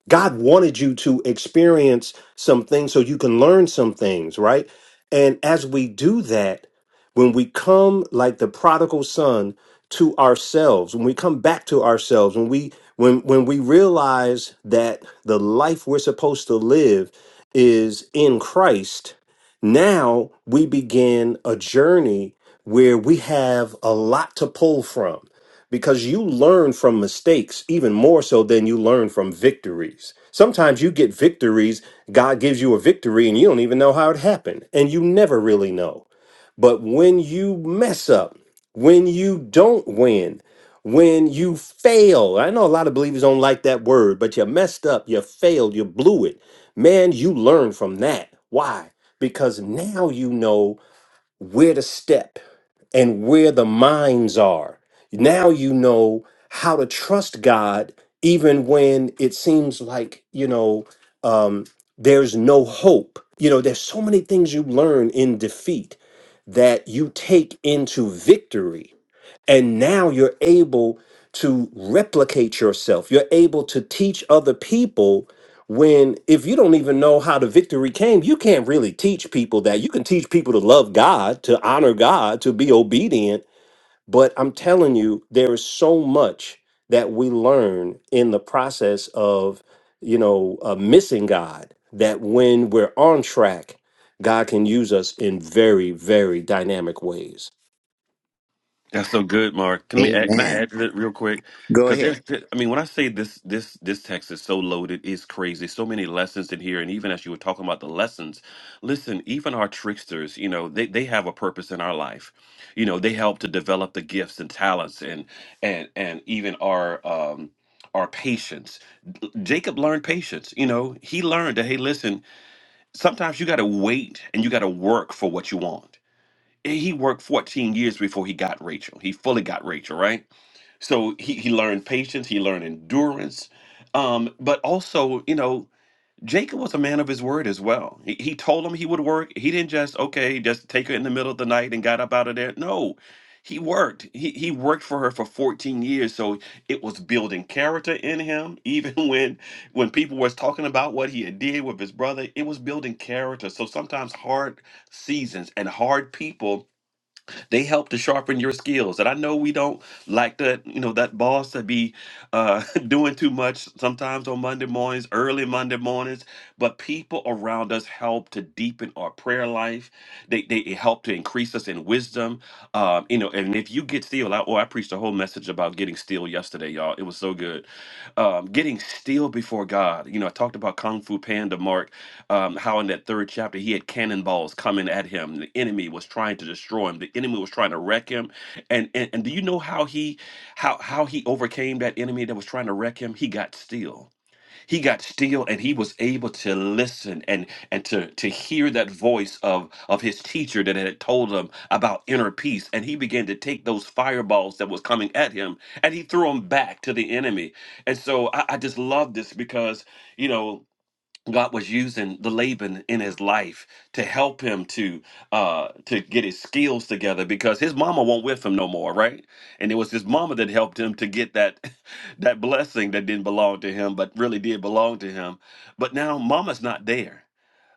god wanted you to experience some things so you can learn some things right and as we do that when we come like the prodigal son to ourselves when we come back to ourselves when we when when we realize that the life we're supposed to live is in christ now we begin a journey where we have a lot to pull from because you learn from mistakes even more so than you learn from victories. Sometimes you get victories, God gives you a victory and you don't even know how it happened, and you never really know. But when you mess up, when you don't win, when you fail, I know a lot of believers don't like that word, but you messed up, you failed, you blew it. Man, you learn from that. Why? Because now you know where to step and where the mines are. Now you know how to trust God, even when it seems like, you know, um, there's no hope. You know, there's so many things you learn in defeat that you take into victory and now you're able to replicate yourself. You're able to teach other people when, if you don't even know how the victory came, you can't really teach people that. You can teach people to love God, to honor God, to be obedient. But I'm telling you, there is so much that we learn in the process of, you know, uh, missing God that when we're on track, God can use us in very, very dynamic ways.
That's so good, Mark. Can we add, can I
Amen.
add to that real quick?
Go
Because
ahead.
there's, I mean, when I say this, this, this text is so loaded, it's crazy. So many lessons in here, and even as you were talking about the lessons, listen, even our tricksters, you know, they they have a purpose in our life. You know, they help to develop the gifts and talents, and and and even our um our patience. Jacob learned patience. You know, he learned that hey, listen, sometimes you got to wait and you got to work for what you want he worked 14 years before he got Rachel. He fully got Rachel, right? So he, he learned patience, he learned endurance. Um, but also, you know, Jacob was a man of his word as well. He, he told him he would work. He didn't just, okay, just take her in the middle of the night and got up out of there. No, he worked. He, he worked for her for 14 years. So it was building character in him. Even when when people was talking about what he had did with his brother, it was building character. So sometimes hard seasons and hard people they help to sharpen your skills. And I know we don't like that, you know, that boss to be uh, doing too much sometimes on Monday mornings, early Monday mornings, but people around us help to deepen our prayer life. They, they help to increase us in wisdom. Um, you know, and if you get still, I, oh, I preached a whole message about getting still yesterday, y'all. It was so good. Um, getting still before God. You know, I talked about Kung Fu Panda Mark um, how in that third chapter he had cannonballs coming at him. The enemy was trying to destroy him. The enemy was trying to wreck him. And and, and do you know how he how how he overcame that enemy that was trying to wreck him? He got still. He got still, and he was able to listen and and to to hear that voice of of his teacher that had told him about inner peace. And he began to take those fireballs that was coming at him, and he threw them back to the enemy. And so I, I just love this because you know God was using the Laban in his life to help him to uh to get his skills together because his mama won't with him no more, right? And it was his mama that helped him to get that that blessing that didn't belong to him but really did belong to him. But now mama's not there.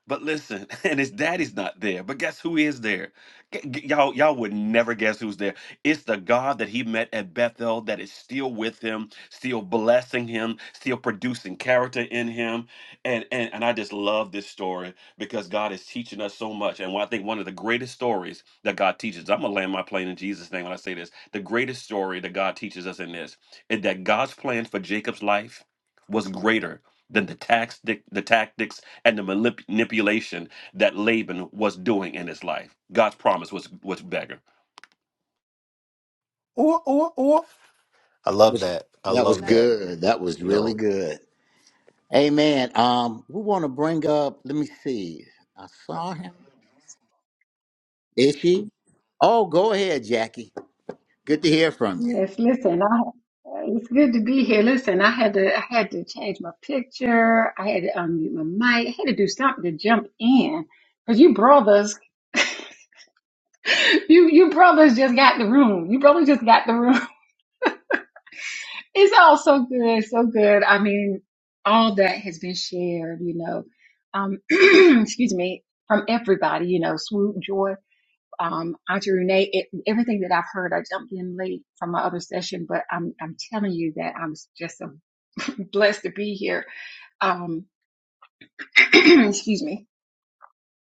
But listen, and his daddy's not there. But guess who is there? G- g- y'all, y'all would never guess who's there. It's the God that he met at Bethel that is still with him, still blessing him, still producing character in him. And and and I just love this story because God is teaching us so much. And I think one of the greatest stories that God teaches, I'm gonna land my plane in Jesus' name when I say this. The greatest story that God teaches us in this is that God's plan for Jacob's life was greater than the tactics, the tactics and the manip- manipulation that Laban was doing in his life. God's promise was was bigger.
That was, that was good. That was really good. Amen. Um, we want to bring up. Let me see. I saw him. Is she? Oh, go ahead, Jackie. Good to hear from you.
Yes, listen, I it's good to be here. Listen, I had to I had to change my picture. I had to unmute my mic. I had to do something to jump in because you brothers, you you brothers just got the room. You brothers just got the room. It's all so good, so good. I mean, all that has been shared, you know. Um, excuse me, from everybody, you know, Swoop, Joy. um, Auntie Renee, it, everything that I've heard, I jumped in late from my other session, but I'm, I'm telling you that I'm just so blessed to be here. Um, excuse me.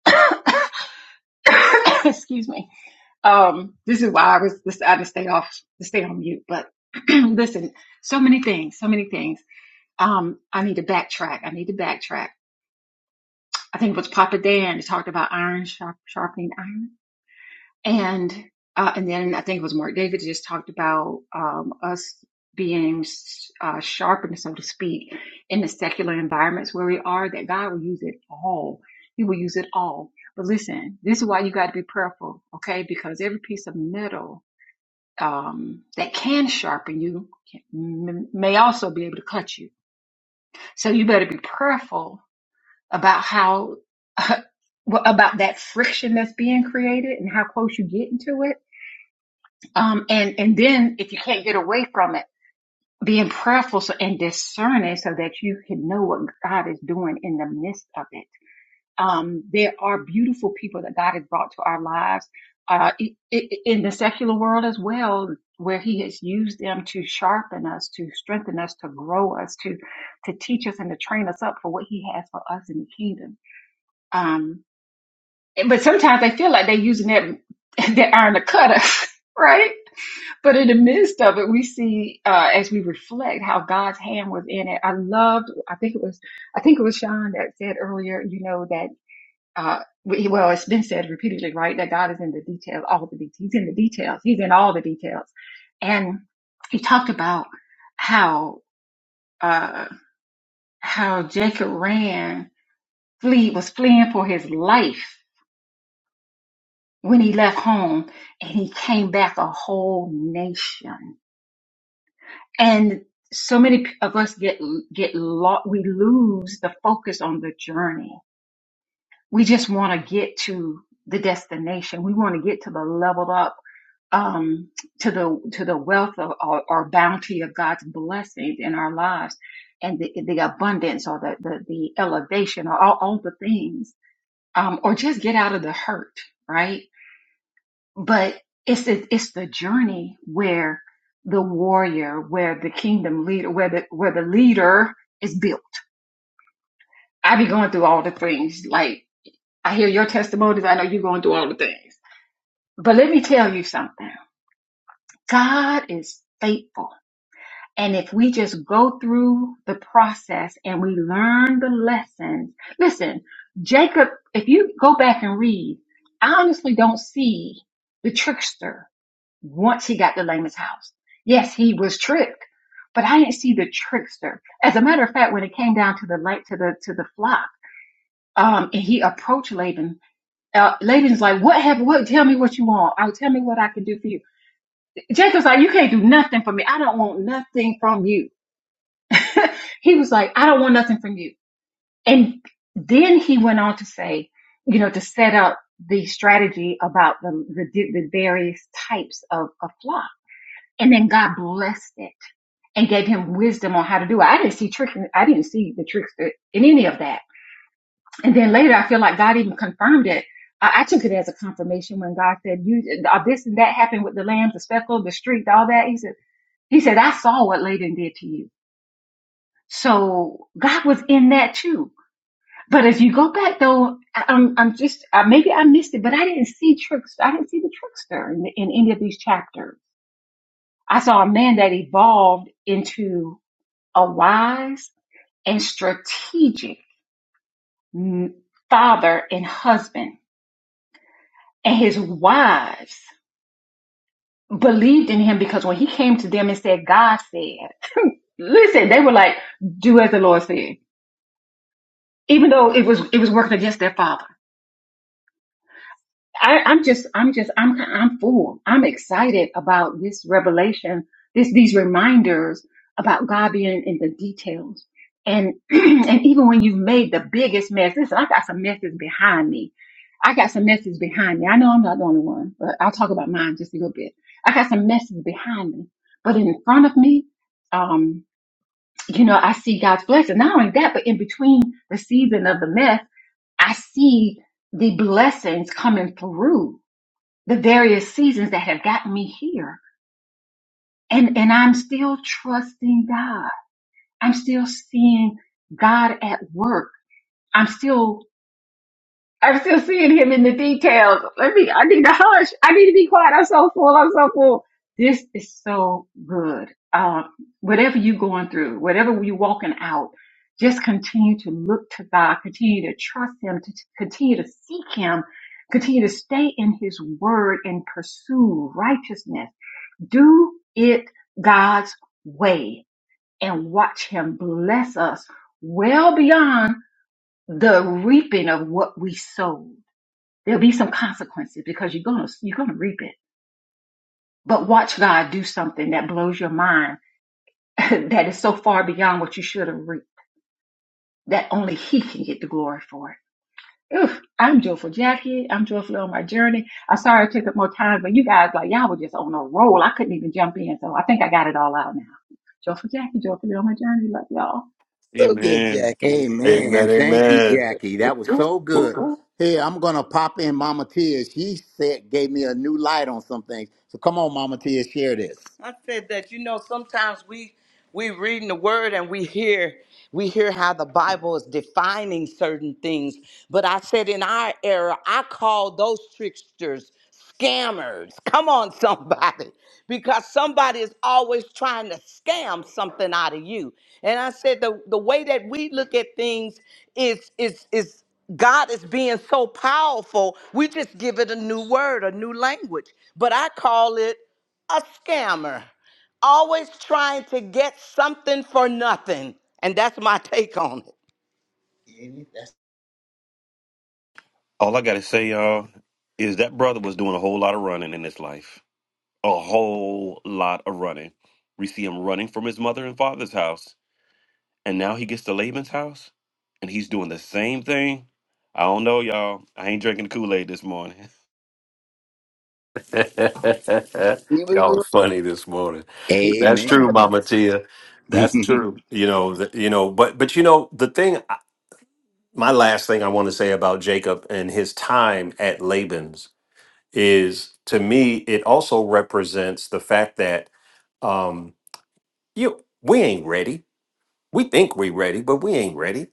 excuse me. Um, this is why I was decided to stay off, to stay on mute, but listen, so many things, so many things. Um, I need to backtrack. I need to backtrack. I think it was Papa Dan that talked about iron sharp, sharpening iron And uh, and then I think it was Mark David just talked about um, us being uh, sharpened, so to speak, in the secular environments where we are. That God will use it all. He will use it all. But listen, this is why you got to be prayerful, okay? Because every piece of metal um, that can sharpen you can, m- may also be able to cut you. So you better be prayerful about how about that friction that's being created and how close you get into it um, and, and then if you can't get away from it, being prayerful so, and discerning so that you can know what God is doing in the midst of it. Um, there are beautiful people that God has brought to our lives, uh, in the secular world as well, where he has used them to sharpen us, to strengthen us, to grow us, to, to teach us and to train us up for what he has for us in the kingdom. Um, but sometimes they feel like they're using that, that iron to cut us, right? But in the midst of it, we see uh, as we reflect how God's hand was in it. I loved. I think it was. I think it was Sean that said earlier. You know that. Uh, we- well, it's been said repeatedly, right? That God is in the details. All the details. He's in the details. He's in all the details. And he talked about how uh, how Jacob ran, flee was fleeing for his life when he left home, and he came back a whole nation and so many of us get get lost we lose the focus on the journey we just want to get to the destination we want to get to the leveled up um to the to the wealth of, or, or bounty of god's blessings in our lives and the, the abundance or the the, the elevation or all, all the things um or just get out of the hurt right but it's the, it's the journey where the warrior, where the kingdom leader, where the where the leader is built. I be going through all the things. Like I hear your testimonies. I know you're going through all the things. But let me tell you something. God is faithful. And if we just go through the process and we learn the lessons, listen, Jacob, if you go back and read, I honestly don't see the trickster once he got to Laman's house. Yes, he was tricked, but I didn't see the trickster. As a matter of fact, when it came down to the light to the to the flock, um, and he approached Laban. Uh, Laban's like, "What have? What? Tell me what you want. Oh, tell me what I can do for you." Jacob's like, "You can't do nothing for me. I don't want nothing from you." he was like, "I don't want nothing from you." And then he went on to say, you know, to set up the strategy about the the, the various types of, of flock, and then God blessed it and gave him wisdom on how to do it. I didn't see trick. I didn't see the tricks uh, in any of that. And then later, I feel like God even confirmed it. I, I took it as a confirmation when God said, "You uh, this and that happened with the lambs, the speckle, the streak, all that." He said, "He said I saw what Laban did to you." So God was in that too. But if you go back though, I- I'm, I'm just uh, maybe I missed it, but I didn't see tricks. I didn't see the trickster in, in any of these chapters. I saw a man that evolved into a wise and strategic father and husband. And his wives believed in him because when he came to them and said, God said, listen, they were like, do as the Lord said, even though it was, it was working against their father. I, I'm just, I'm just, I'm, I'm full. I'm excited about this revelation, this, these reminders about God being in the details. And, and even when you've made the biggest mess, listen, I got some messes behind me. I got some messes behind me. I know I'm not the only one, but I'll talk about mine just a little bit. I got some messes behind me, but in front of me, um, you know, I see God's blessing. Not only that, but in between the season of the mess, I see the blessings coming through the various seasons that have gotten me here. And, and I'm still trusting God. I'm still seeing God at work. I'm still, I'm still seeing him in the details. Let me, I need to hush. I need to be quiet. I'm so full. I'm so full. This is so good. Um, whatever you're going through, whatever you're walking out, just continue to look to God, continue to trust him, to to continue to seek him, continue to stay in his word and pursue righteousness Do it God's way and watch Him bless us well beyond the reaping of what we sowed. There'll be some consequences because you're gonna you're gonna reap it. But watch God do something that blows your mind that is so far beyond what you should have reaped that only He can get the glory for it. Oof, I'm joyful, Jackie. I'm joyful on my journey. I'm sorry it took up more time, but you guys, like, y'all were just on a roll. I couldn't even jump in. So I think I got it all out now. Joyful Jackie, joyfully on my journey. Love y'all.
So good,
Amen.
Jackie.
Amen. Thank you,
Amen.
Jackie. That was
Y'all
so good. Hey, I'm gonna pop in Mama Tia. She said gave me a new light on some things. So come on, Mama Tia, share this. I said that you know sometimes we we reading the word and we hear we hear how the Bible is defining certain things. But I said in our era, I call those tricksters scammers. Come on, somebody because somebody is always trying to scam something out of you. And I said the, the way that we look at things is is is God is being so powerful, we just give it a new word, a new language. But I call it a scammer. Always trying to get something for nothing. And that's my take on
All I gotta say, y'all, is that brother was doing a whole lot of running in his life. A whole lot of running. We see him running from his mother and father's house, and now he gets to Laban's house, and he's doing the same thing. I don't know, y'all. I ain't drinking Kool Aid this morning.
You was
are
wrong.
funny.
it.
That
Amen.
Matia. that's true. You know, that, you know, but but you know, the thing my last thing I want to say about Jacob and his time at Laban's is to me it also represents the fact that um you we ain't ready. We think we ready, but we ain't ready.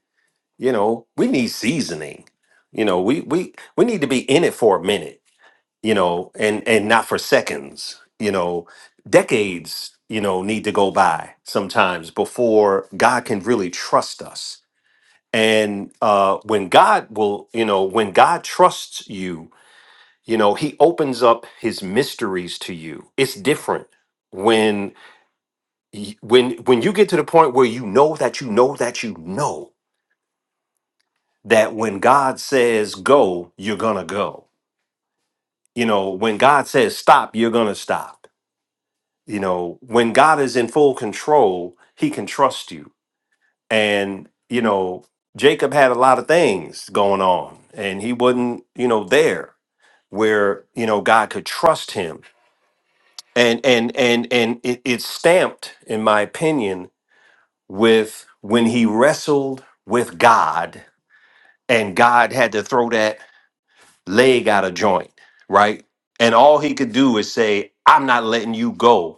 You know, we need seasoning. You know, we we we need to be in it for a minute you know, and and not for seconds, you know, decades, you know, need to go by sometimes before God can really trust us. And uh, when God will, you know, when God trusts you, you know, He opens up His mysteries to you. It's different when y- when when you get to the point where you know that you know that you know that when God says go, you're gonna go. You know, when God says stop, you're gonna stop you know when god is in full control he can trust you and you know jacob had a lot of things going on and he wasn't you know there where you know god could trust him and and and and it, it's stamped in my opinion with when he wrestled with god and god had to throw that leg out of joint right and all he could do is say i'm not letting you go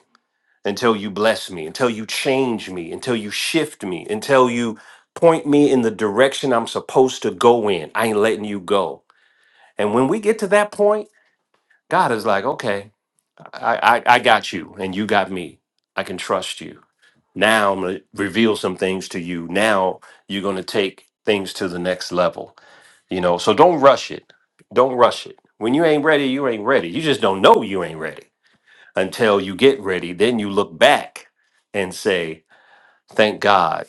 until you bless me, until you change me, until you shift me, until you point me in the direction I'm supposed to go in. I ain't letting you go. And when we get to that point, God is like, okay, I, I, I got you and you got me. I can trust you. Now I'm going to reveal some things to you. Now you're going to take things to the next level, you know? So don't rush it. Don't rush it. When you ain't ready, you ain't ready. You just don't know you ain't ready until you get ready. Then you look back and say, Thank God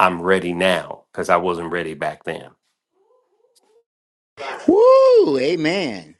I'm ready now because I wasn't ready back then.
Woo! Amen.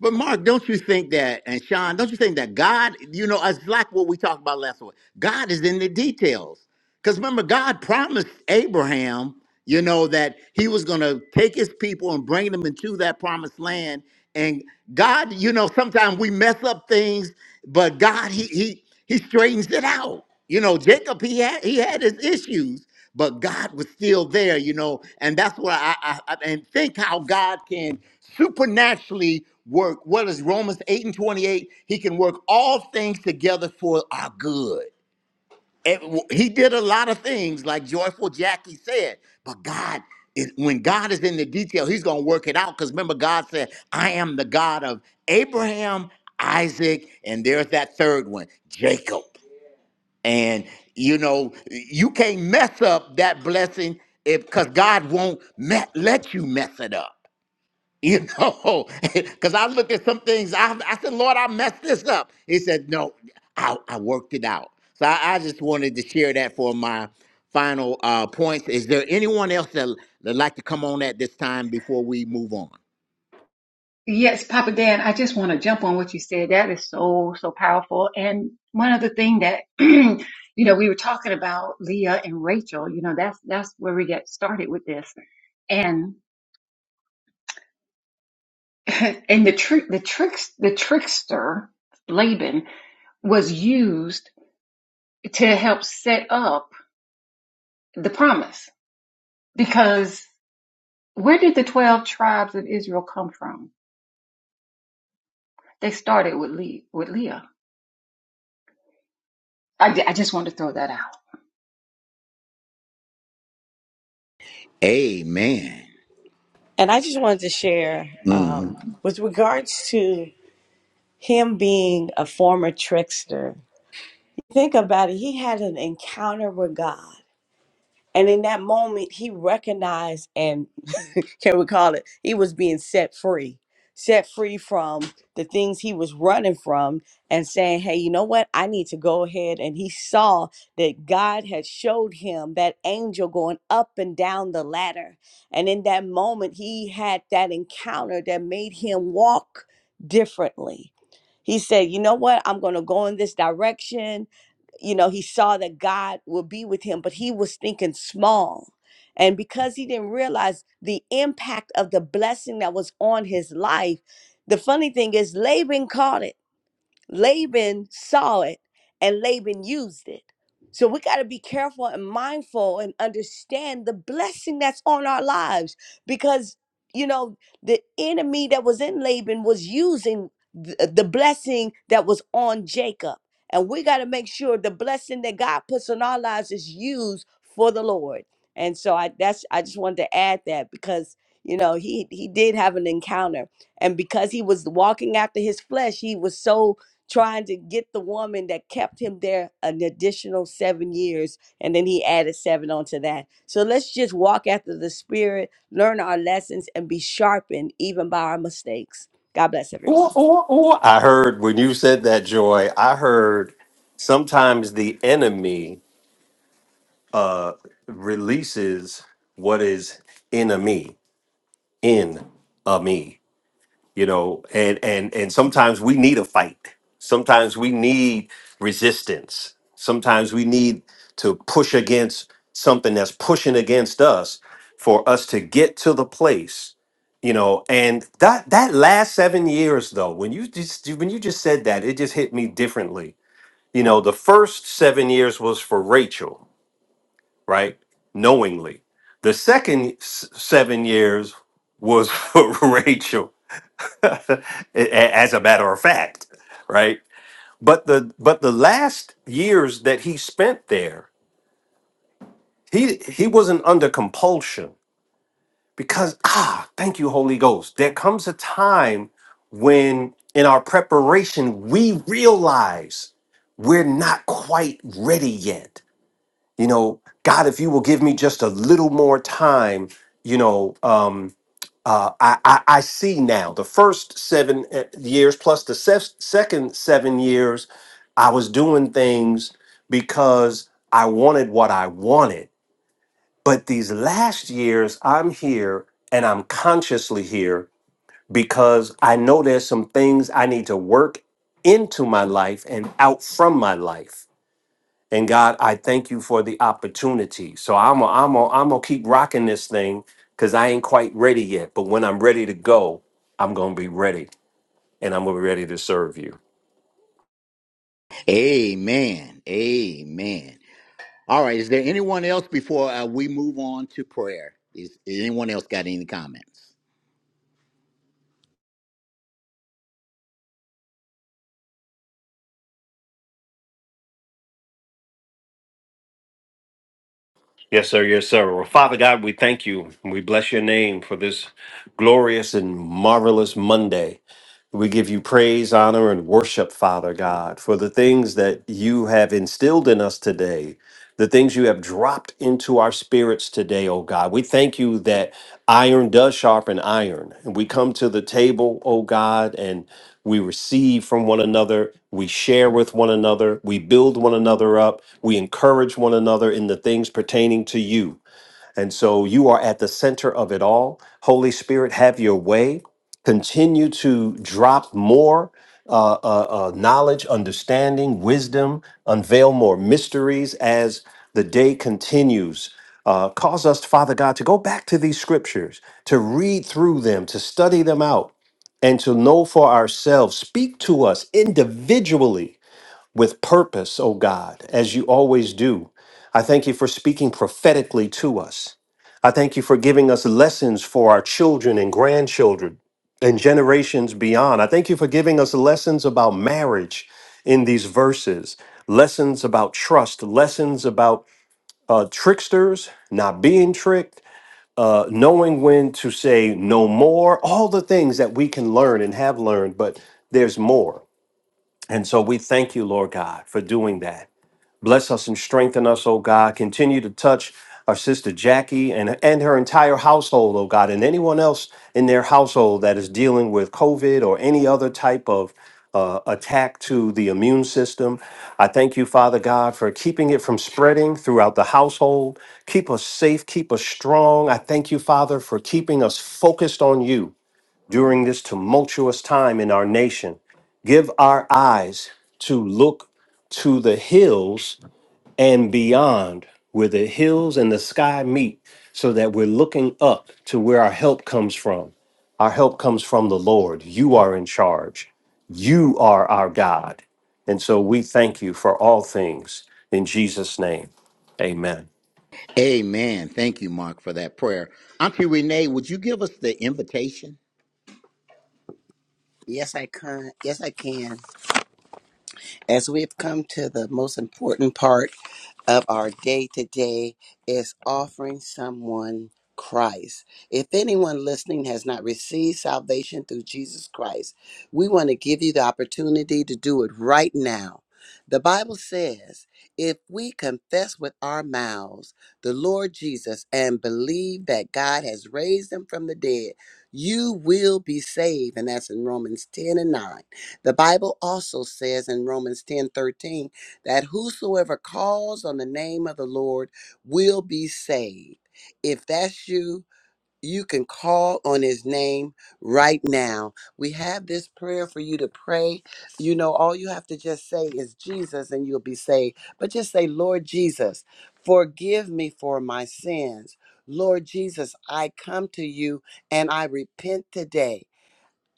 But Mark, don't you think that, and Sean, don't you think that God, you know, it's like what we talked about last week. God is in the details. Because remember, God promised Abraham, you know, that he was going to take his people and bring them into that promised land. And God, you know, sometimes we mess up things, but God, he he he straightens it out. You know, Jacob, he had he had his issues, but God was still there, you know. And that's what I, I, I and think how God can supernaturally work. What is Romans 8 and 28? He can work all things together for our good it- he did a lot of things like joyful jackie said but god is- when god is in the detail he's going to work it out because remember god said i am the god of abraham isaac and there's that third one jacob and you know you can't mess up that blessing if because god won't met, let you mess it up you know, because I looked at some things. I, I said, Lord, I messed this up. He said, No, I, I worked it out. So I, I just wanted to share that for my final uh, points. Is there anyone else that that like to come on at this time before we move on?
Yes, Papa Dan, I just want to jump on what you said. That is so, so powerful. And one other thing that, you know, we were talking about Leah and Rachel, you know, that's, that's where we get started with this. And, and the trick, the tricks, the trickster, Laban was used to help set up the promise. Because where did the 12 tribes of Israel come from? They started with, Le- with Leah. I, I just wanted to throw that out.
Amen.
And I just wanted to share
Mm-hmm.
um, with regards to him being a former trickster. Think about it, he had an encounter with God. And in that moment, he recognized and can we call it, he was being set free, set free from the things he was running from and saying, Hey, you know what? I need to go ahead. And he saw that God had showed him that angel going up and down the ladder. And in that moment, he had that encounter that made him walk differently. He said, You know what? I'm going to go in this direction you know, he saw that God would be with him, but he was thinking small. And because he didn't realize the impact of the blessing that was on his life, the funny thing is, Laban caught it. Laban saw it and Laban used it. So we got to be careful and mindful and understand the blessing that's on our lives because, you know, the enemy that was in Laban was using th- uh, the blessing that was on Jacob. And we got to make sure the blessing that God puts on our lives is used for the Lord. And so I that's I just wanted to add that because you know he he did have an encounter and because he was walking after his flesh he was so trying to get the woman that kept him there an additional seven years. And then he added seven onto that. So let's just walk after the Spirit, learn our lessons, and be sharpened even by our mistakes. God bless
Ooh,
everyone.
ooh, ooh. I heard when you said that, Joy, I heard sometimes the enemy uh, releases what is in a me, in a me. you know and and and sometimes we need a fight sometimes we need resistance sometimes we need to push against something that's pushing against us for us to get to the place you know and that that last 7 years though when you just when you just said that it just hit me differently you know the first 7 years was for Rachel right knowingly the second s- 7 years was for Rachel as a matter of fact, right? But the but the last years that he spent there, he he wasn't under compulsion because ah, thank you, Holy Ghost. There comes a time when in our preparation we realize we're not quite ready yet. You know, God, if you will give me just a little more time, you know, um, uh, I, I, I see now the first seven uh, years plus the se- second seven years, I was doing things because I wanted what I wanted. But these last years, I'm here and I'm consciously here because I know there's some things I need to work into my life and out from my life and God, I thank you for the opportunity. So I'm going I'm going I'm gonna keep rocking this thing because I ain't quite ready yet. But when I'm ready to go, I'm gonna be ready and I'm gonna be ready to serve you.
Amen. Amen. All right. Is there anyone else before uh, we move on to prayer? Is, is anyone else got any comments?
Yes, sir. Yes, sir. Well, Father God, we thank you. We bless your name for this glorious and marvelous Monday. We give you praise, honor, and worship, Father God, for the things that you have instilled in us today, the things you have dropped into our spirits today, oh God. We thank you that iron does sharpen iron. And we come to the table, oh God, and we receive from one another, we share with one another, we build one another up, we encourage one another in the things pertaining to you. And so you are at the center of it all. Holy Spirit, have your way. Continue to drop more uh, uh, uh, knowledge, understanding, wisdom, unveil more mysteries as the day continues. Uh, cause us, Father God, to go back to these scriptures, to read through them, to study them out, and to know for ourselves. Speak to us individually with purpose, O God, as you always do. I thank you for speaking prophetically to us. I thank you for giving us lessons for our children and grandchildren and generations beyond. I thank you for giving us lessons about marriage in these verses, lessons about trust, lessons about uh, tricksters, not being tricked, uh, knowing when to say no more, all the things that we can learn and have learned, but there's more. And so we thank you, Lord God, for doing that. Bless us and strengthen us, oh God. Continue to touch our sister Jackie and, and her entire household, oh God, and anyone else in their household that is dealing with COVID or any other type of uh, attack to the immune system. I thank you, Father God, for keeping it from spreading throughout the household. Keep us safe, keep us strong. I thank you, Father, for keeping us focused on you during this tumultuous time in our nation. Give our eyes to look to the hills and beyond, where the hills and the sky meet, so that we're looking up to where our help comes from. Our help comes from the Lord. You are in charge, you are our God. And so we thank you for all things in Jesus' name. Amen.
Amen. Thank you, Mark, for that prayer. Auntie Renee, would you give us the invitation?
Yes, I can. Yes, I can. As we've come to the most important part of our day today is offering someone Christ. If anyone listening has not received salvation through Jesus Christ, we want to give you the opportunity to do it right now. The Bible says, if we confess with our mouths the Lord Jesus and believe that God has raised him from the dead, you will be saved. And that's in Romans 10 and 9. The Bible also says in Romans 10 13 that whosoever calls on the name of the Lord will be saved. If that's you, you can call on his name right now. We have this prayer for you to pray. You know, all you have to just say is Jesus and you'll be saved. But just say, Lord Jesus, forgive me for my sins. Lord Jesus, I come to you and I repent today.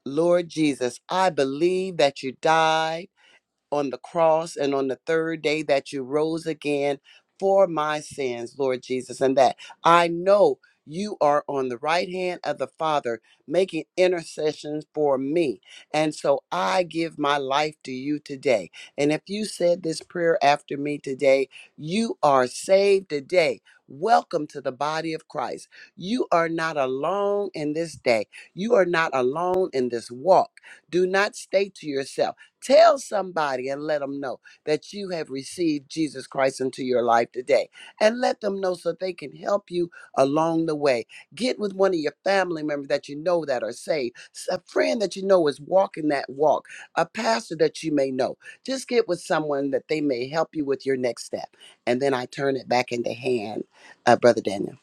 Lord Jesus, I believe that you died on the cross and on the third day that you rose again for my sins, Lord Jesus, and that I know you are on the right hand of the Father making intercessions for me. And so I give my life to you today. And if you said this prayer after me today, you are saved today. Welcome to the body of Christ. You are not alone in this day. You are not alone in this walk. Do not stay to yourself. Tell somebody and let them know that you have received Jesus Christ into your life today. And let them know so they can help you along the way. Get with one of your family members that you know that are saved, a friend that you know is walking that walk, a pastor that you may know. Just get with someone that they may help you with your next step. And then I turn it back into hand, uh, Brother Daniel.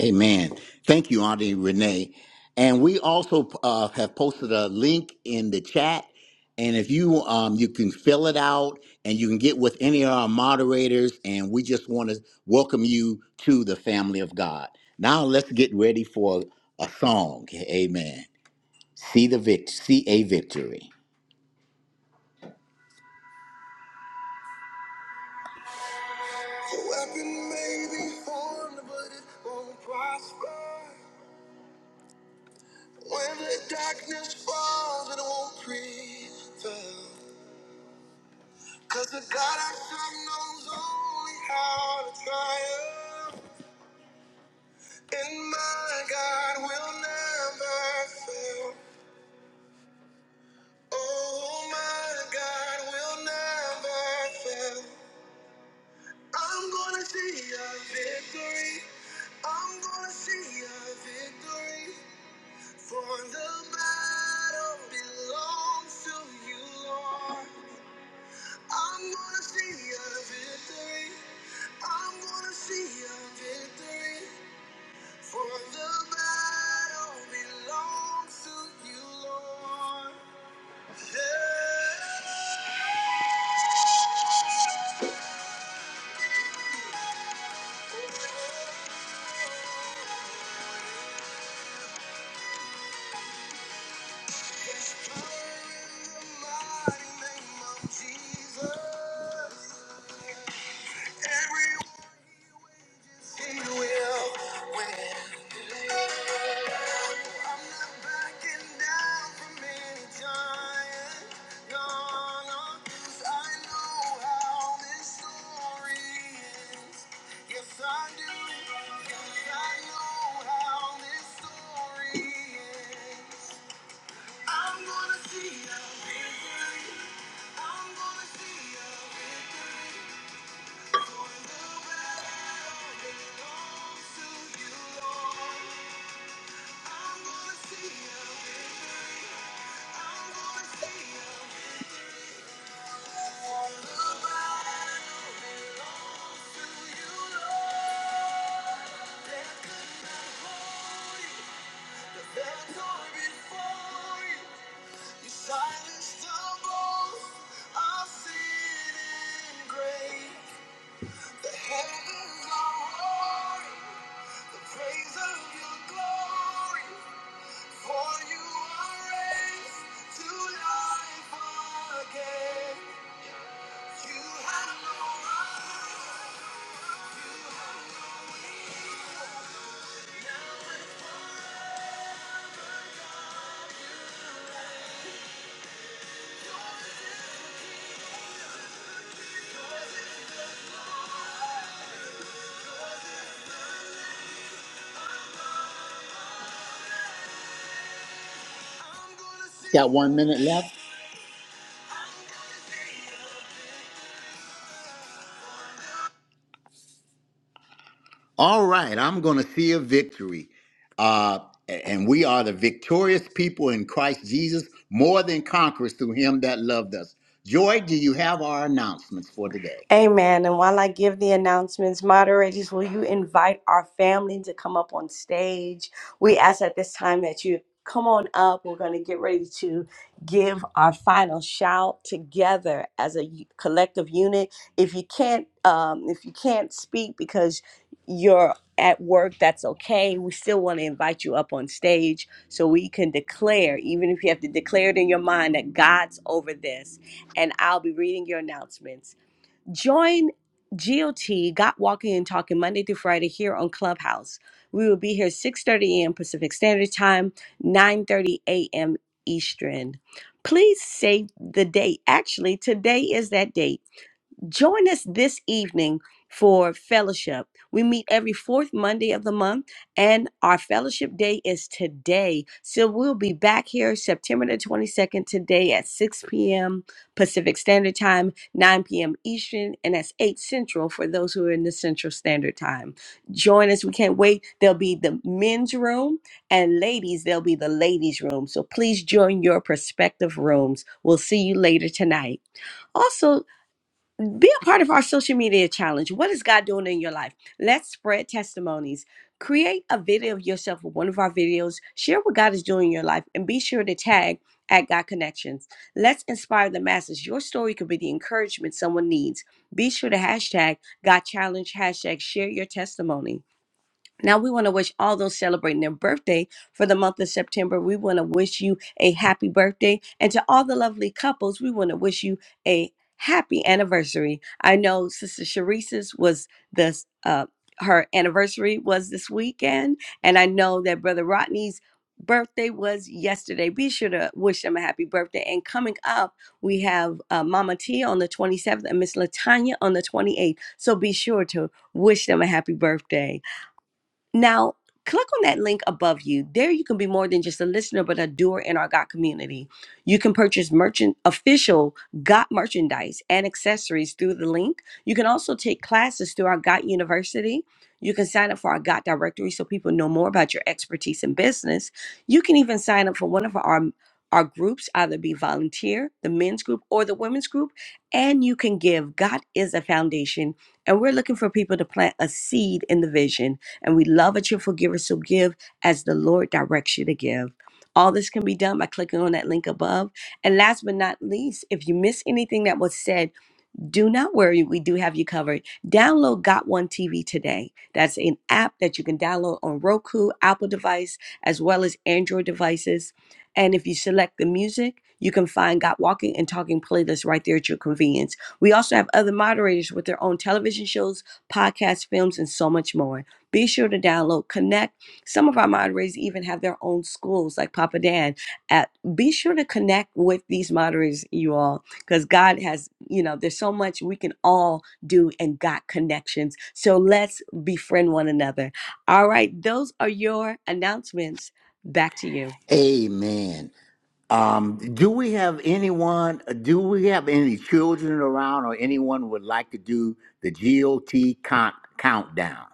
Amen. Thank you, Auntie Renee. And we also uh, have posted a link in the chat. And if you um, you can fill it out and you can get with any of our moderators, and we just want to welcome you to the family of God. Now let's get ready for a song. Amen. See the vict, see a victory. Got one minute left. All right, I'm going to see a victory. Uh, and we are the victorious people in Christ Jesus, more than conquerors through him that loved us. Joy, do you have our announcements for today?
Amen. And while I give the announcements, moderators, will you invite our family to come up on stage? We ask at this time that you come on up. We're going to get ready to give our final shout together as a u- collective unit. If you can't, um, if you can't speak because you're at work, that's okay. We still want to invite you up on stage so we can declare, even if you have to declare it in your mind, that God's over this. And I'll be reading your announcements. Join GOT, Got Walking and Talking, Monday through Friday here on Clubhouse. We will be here 6.30 a.m. Pacific Standard Time, 9.30 a.m. Eastern. Please save the date. Actually, today is that date. Join us this evening for fellowship. We meet every fourth Monday of the month, and our fellowship day is today. So we'll be back here September the 22nd today at 6 p.m. Pacific Standard Time, 9 p.m. Eastern, and that's 8 Central for those who are in the Central Standard Time. Join us. We can't wait. There'll be the men's room, and ladies, there'll be the ladies' room. So please join your prospective rooms. We'll see you later tonight. Also, be a part of our social media challenge. What is God doing in your life? Let's spread testimonies. Create a video of yourself with one of our videos. Share what God is doing in your life and be sure to tag at God Connections. Let's inspire the masses. Your story could be the encouragement someone needs. Be sure to hashtag God Challenge, hashtag share your testimony. Now we want to wish all those celebrating their birthday for the month of September. We want to wish you a happy birthday. And to all the lovely couples, we want to wish you a happy anniversary. I know Sister Sharice's was this uh her anniversary was this weekend, and I know that Brother Rodney's birthday was yesterday. Be sure to wish them a happy birthday. And coming up, we have uh, Mama T on the 27th and Miss Latanya on the 28th. So be sure to wish them a happy birthday. Now, click on that link above you. There you can be more than just a listener, but a doer in our GOT community. You can purchase merchant official GOT merchandise and accessories through the link. You can also take classes through our GOT University. You can sign up for our GOT directory so people know more about your expertise in business. You can even sign up for one of our our groups, either be volunteer, the men's group or the women's group, and you can give. Got is a foundation, and we're looking for people to plant a seed in the vision. And we love a cheerful giver, so give as the Lord directs you to give. All this can be done by clicking on that link above. And last but not least, if you miss anything that was said, do not worry, we do have you covered. Download Got One TV today. That's an app that you can download on Roku, Apple device, as well as Android devices. And if you select the music, you can find Got Walking and Talking playlists right there at your convenience. We also have other moderators with their own television shows, podcasts, films, and so much more. Be sure to download Connect. Some of our moderators even have their own schools, like Papa Dan. At, be sure to connect with these moderators, you all because God has, you know, there's so much we can all do and got connections. So let's befriend one another. All right, those are your announcements. Back to you.
Amen. Um, do we have anyone, do we have any children around or anyone would like to do the GOT count, countdown?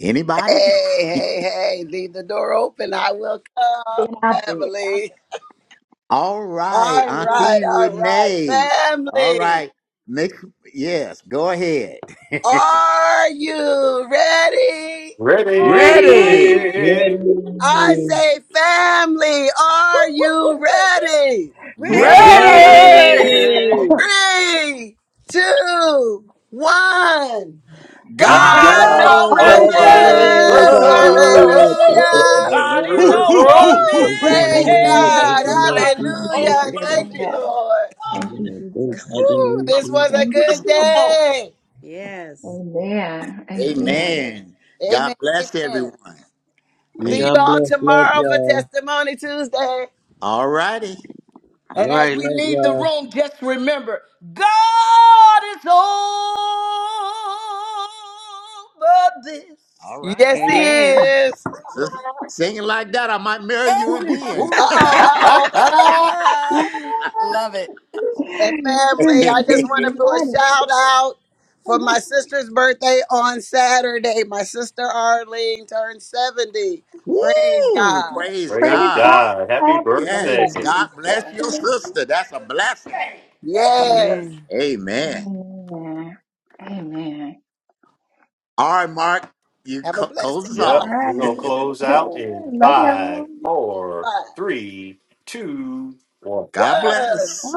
Anybody?
Hey, hey, hey, leave the door open. I will
Then
come,
I'll do it. I'll
family.
do it.
All right,
All right,
Auntie
all right,
Renee. All
family.
right, make yes, go ahead.
Are you ready?
Ready,
Ready,
Ready,
Ready.
ready.
I
Ready.
say, family, are you ready?
Ready,
ready,
ready.
Ready.
Auntie?
Ready.
Three, two, one.
God,
God's
God's
God
God's
oh,
God
is
oh,
over
over
over
Over
over
over
this.
this.
this.
this.
this.
me.
Woo!
Hallelujah.
Woo,
Thank
woo,
you.
woo,
Hallelujah.
woo, woo, woo, woo.
God's Woo! Hoo, over hoo,
Jesus.
hoo,
Woo!
Thank you.
this. hoo.
Praise
Hallelujah. Thank
God.
you, Lord
God is
Jesus. Thank
Hallelujah.
over
you,
it
Thank
Father.
you,
all.
Lord.
Thank you,
Amen. Thanks,
Jesus.
Woo!
Hallelujah.
This was
Jesus.
a
Thank
good
you.
day.
Yes.
Amen. Amen.
Amen.
Amen.
God bless
Amen.
everyone.
See you
Amen.
God
all
bless. Love
tomorrow for
y'all.
Testimony Tuesday.
All righty.
All
And as
right.
we
Love
leave the
y'all.
room, just remember God is over this. All right.
Yes, he
Hey!
Amen.
is.
Sister, singing like that, I might marry you again.
oh,
Uh oh, uh oh.
ah,
Love it.
And family,
Everybody
I just
takes
want
me
to do
about
a
it.
shout out for my sister's birthday on Saturday. My sister Arlene turned 70. Praise
Woo!
God.
Praise
praise
Praise
God.
God.
God. Happy
Happy
Yes.
Hallelujah.
birthday,
birthday.
God
sister.
bless your
Ellie.
sister. That's a blessing.
Yes.
Amen.
Amen.
Amen. Amen.
All right, Mark, you
Have a
co-
blessed day.
close us
Bye bye.
All
Yep,
off.
we're gonna close out
right.
in
Love
five,
y'all.
four,
Bye.
three, two, one.
God
What?
bless.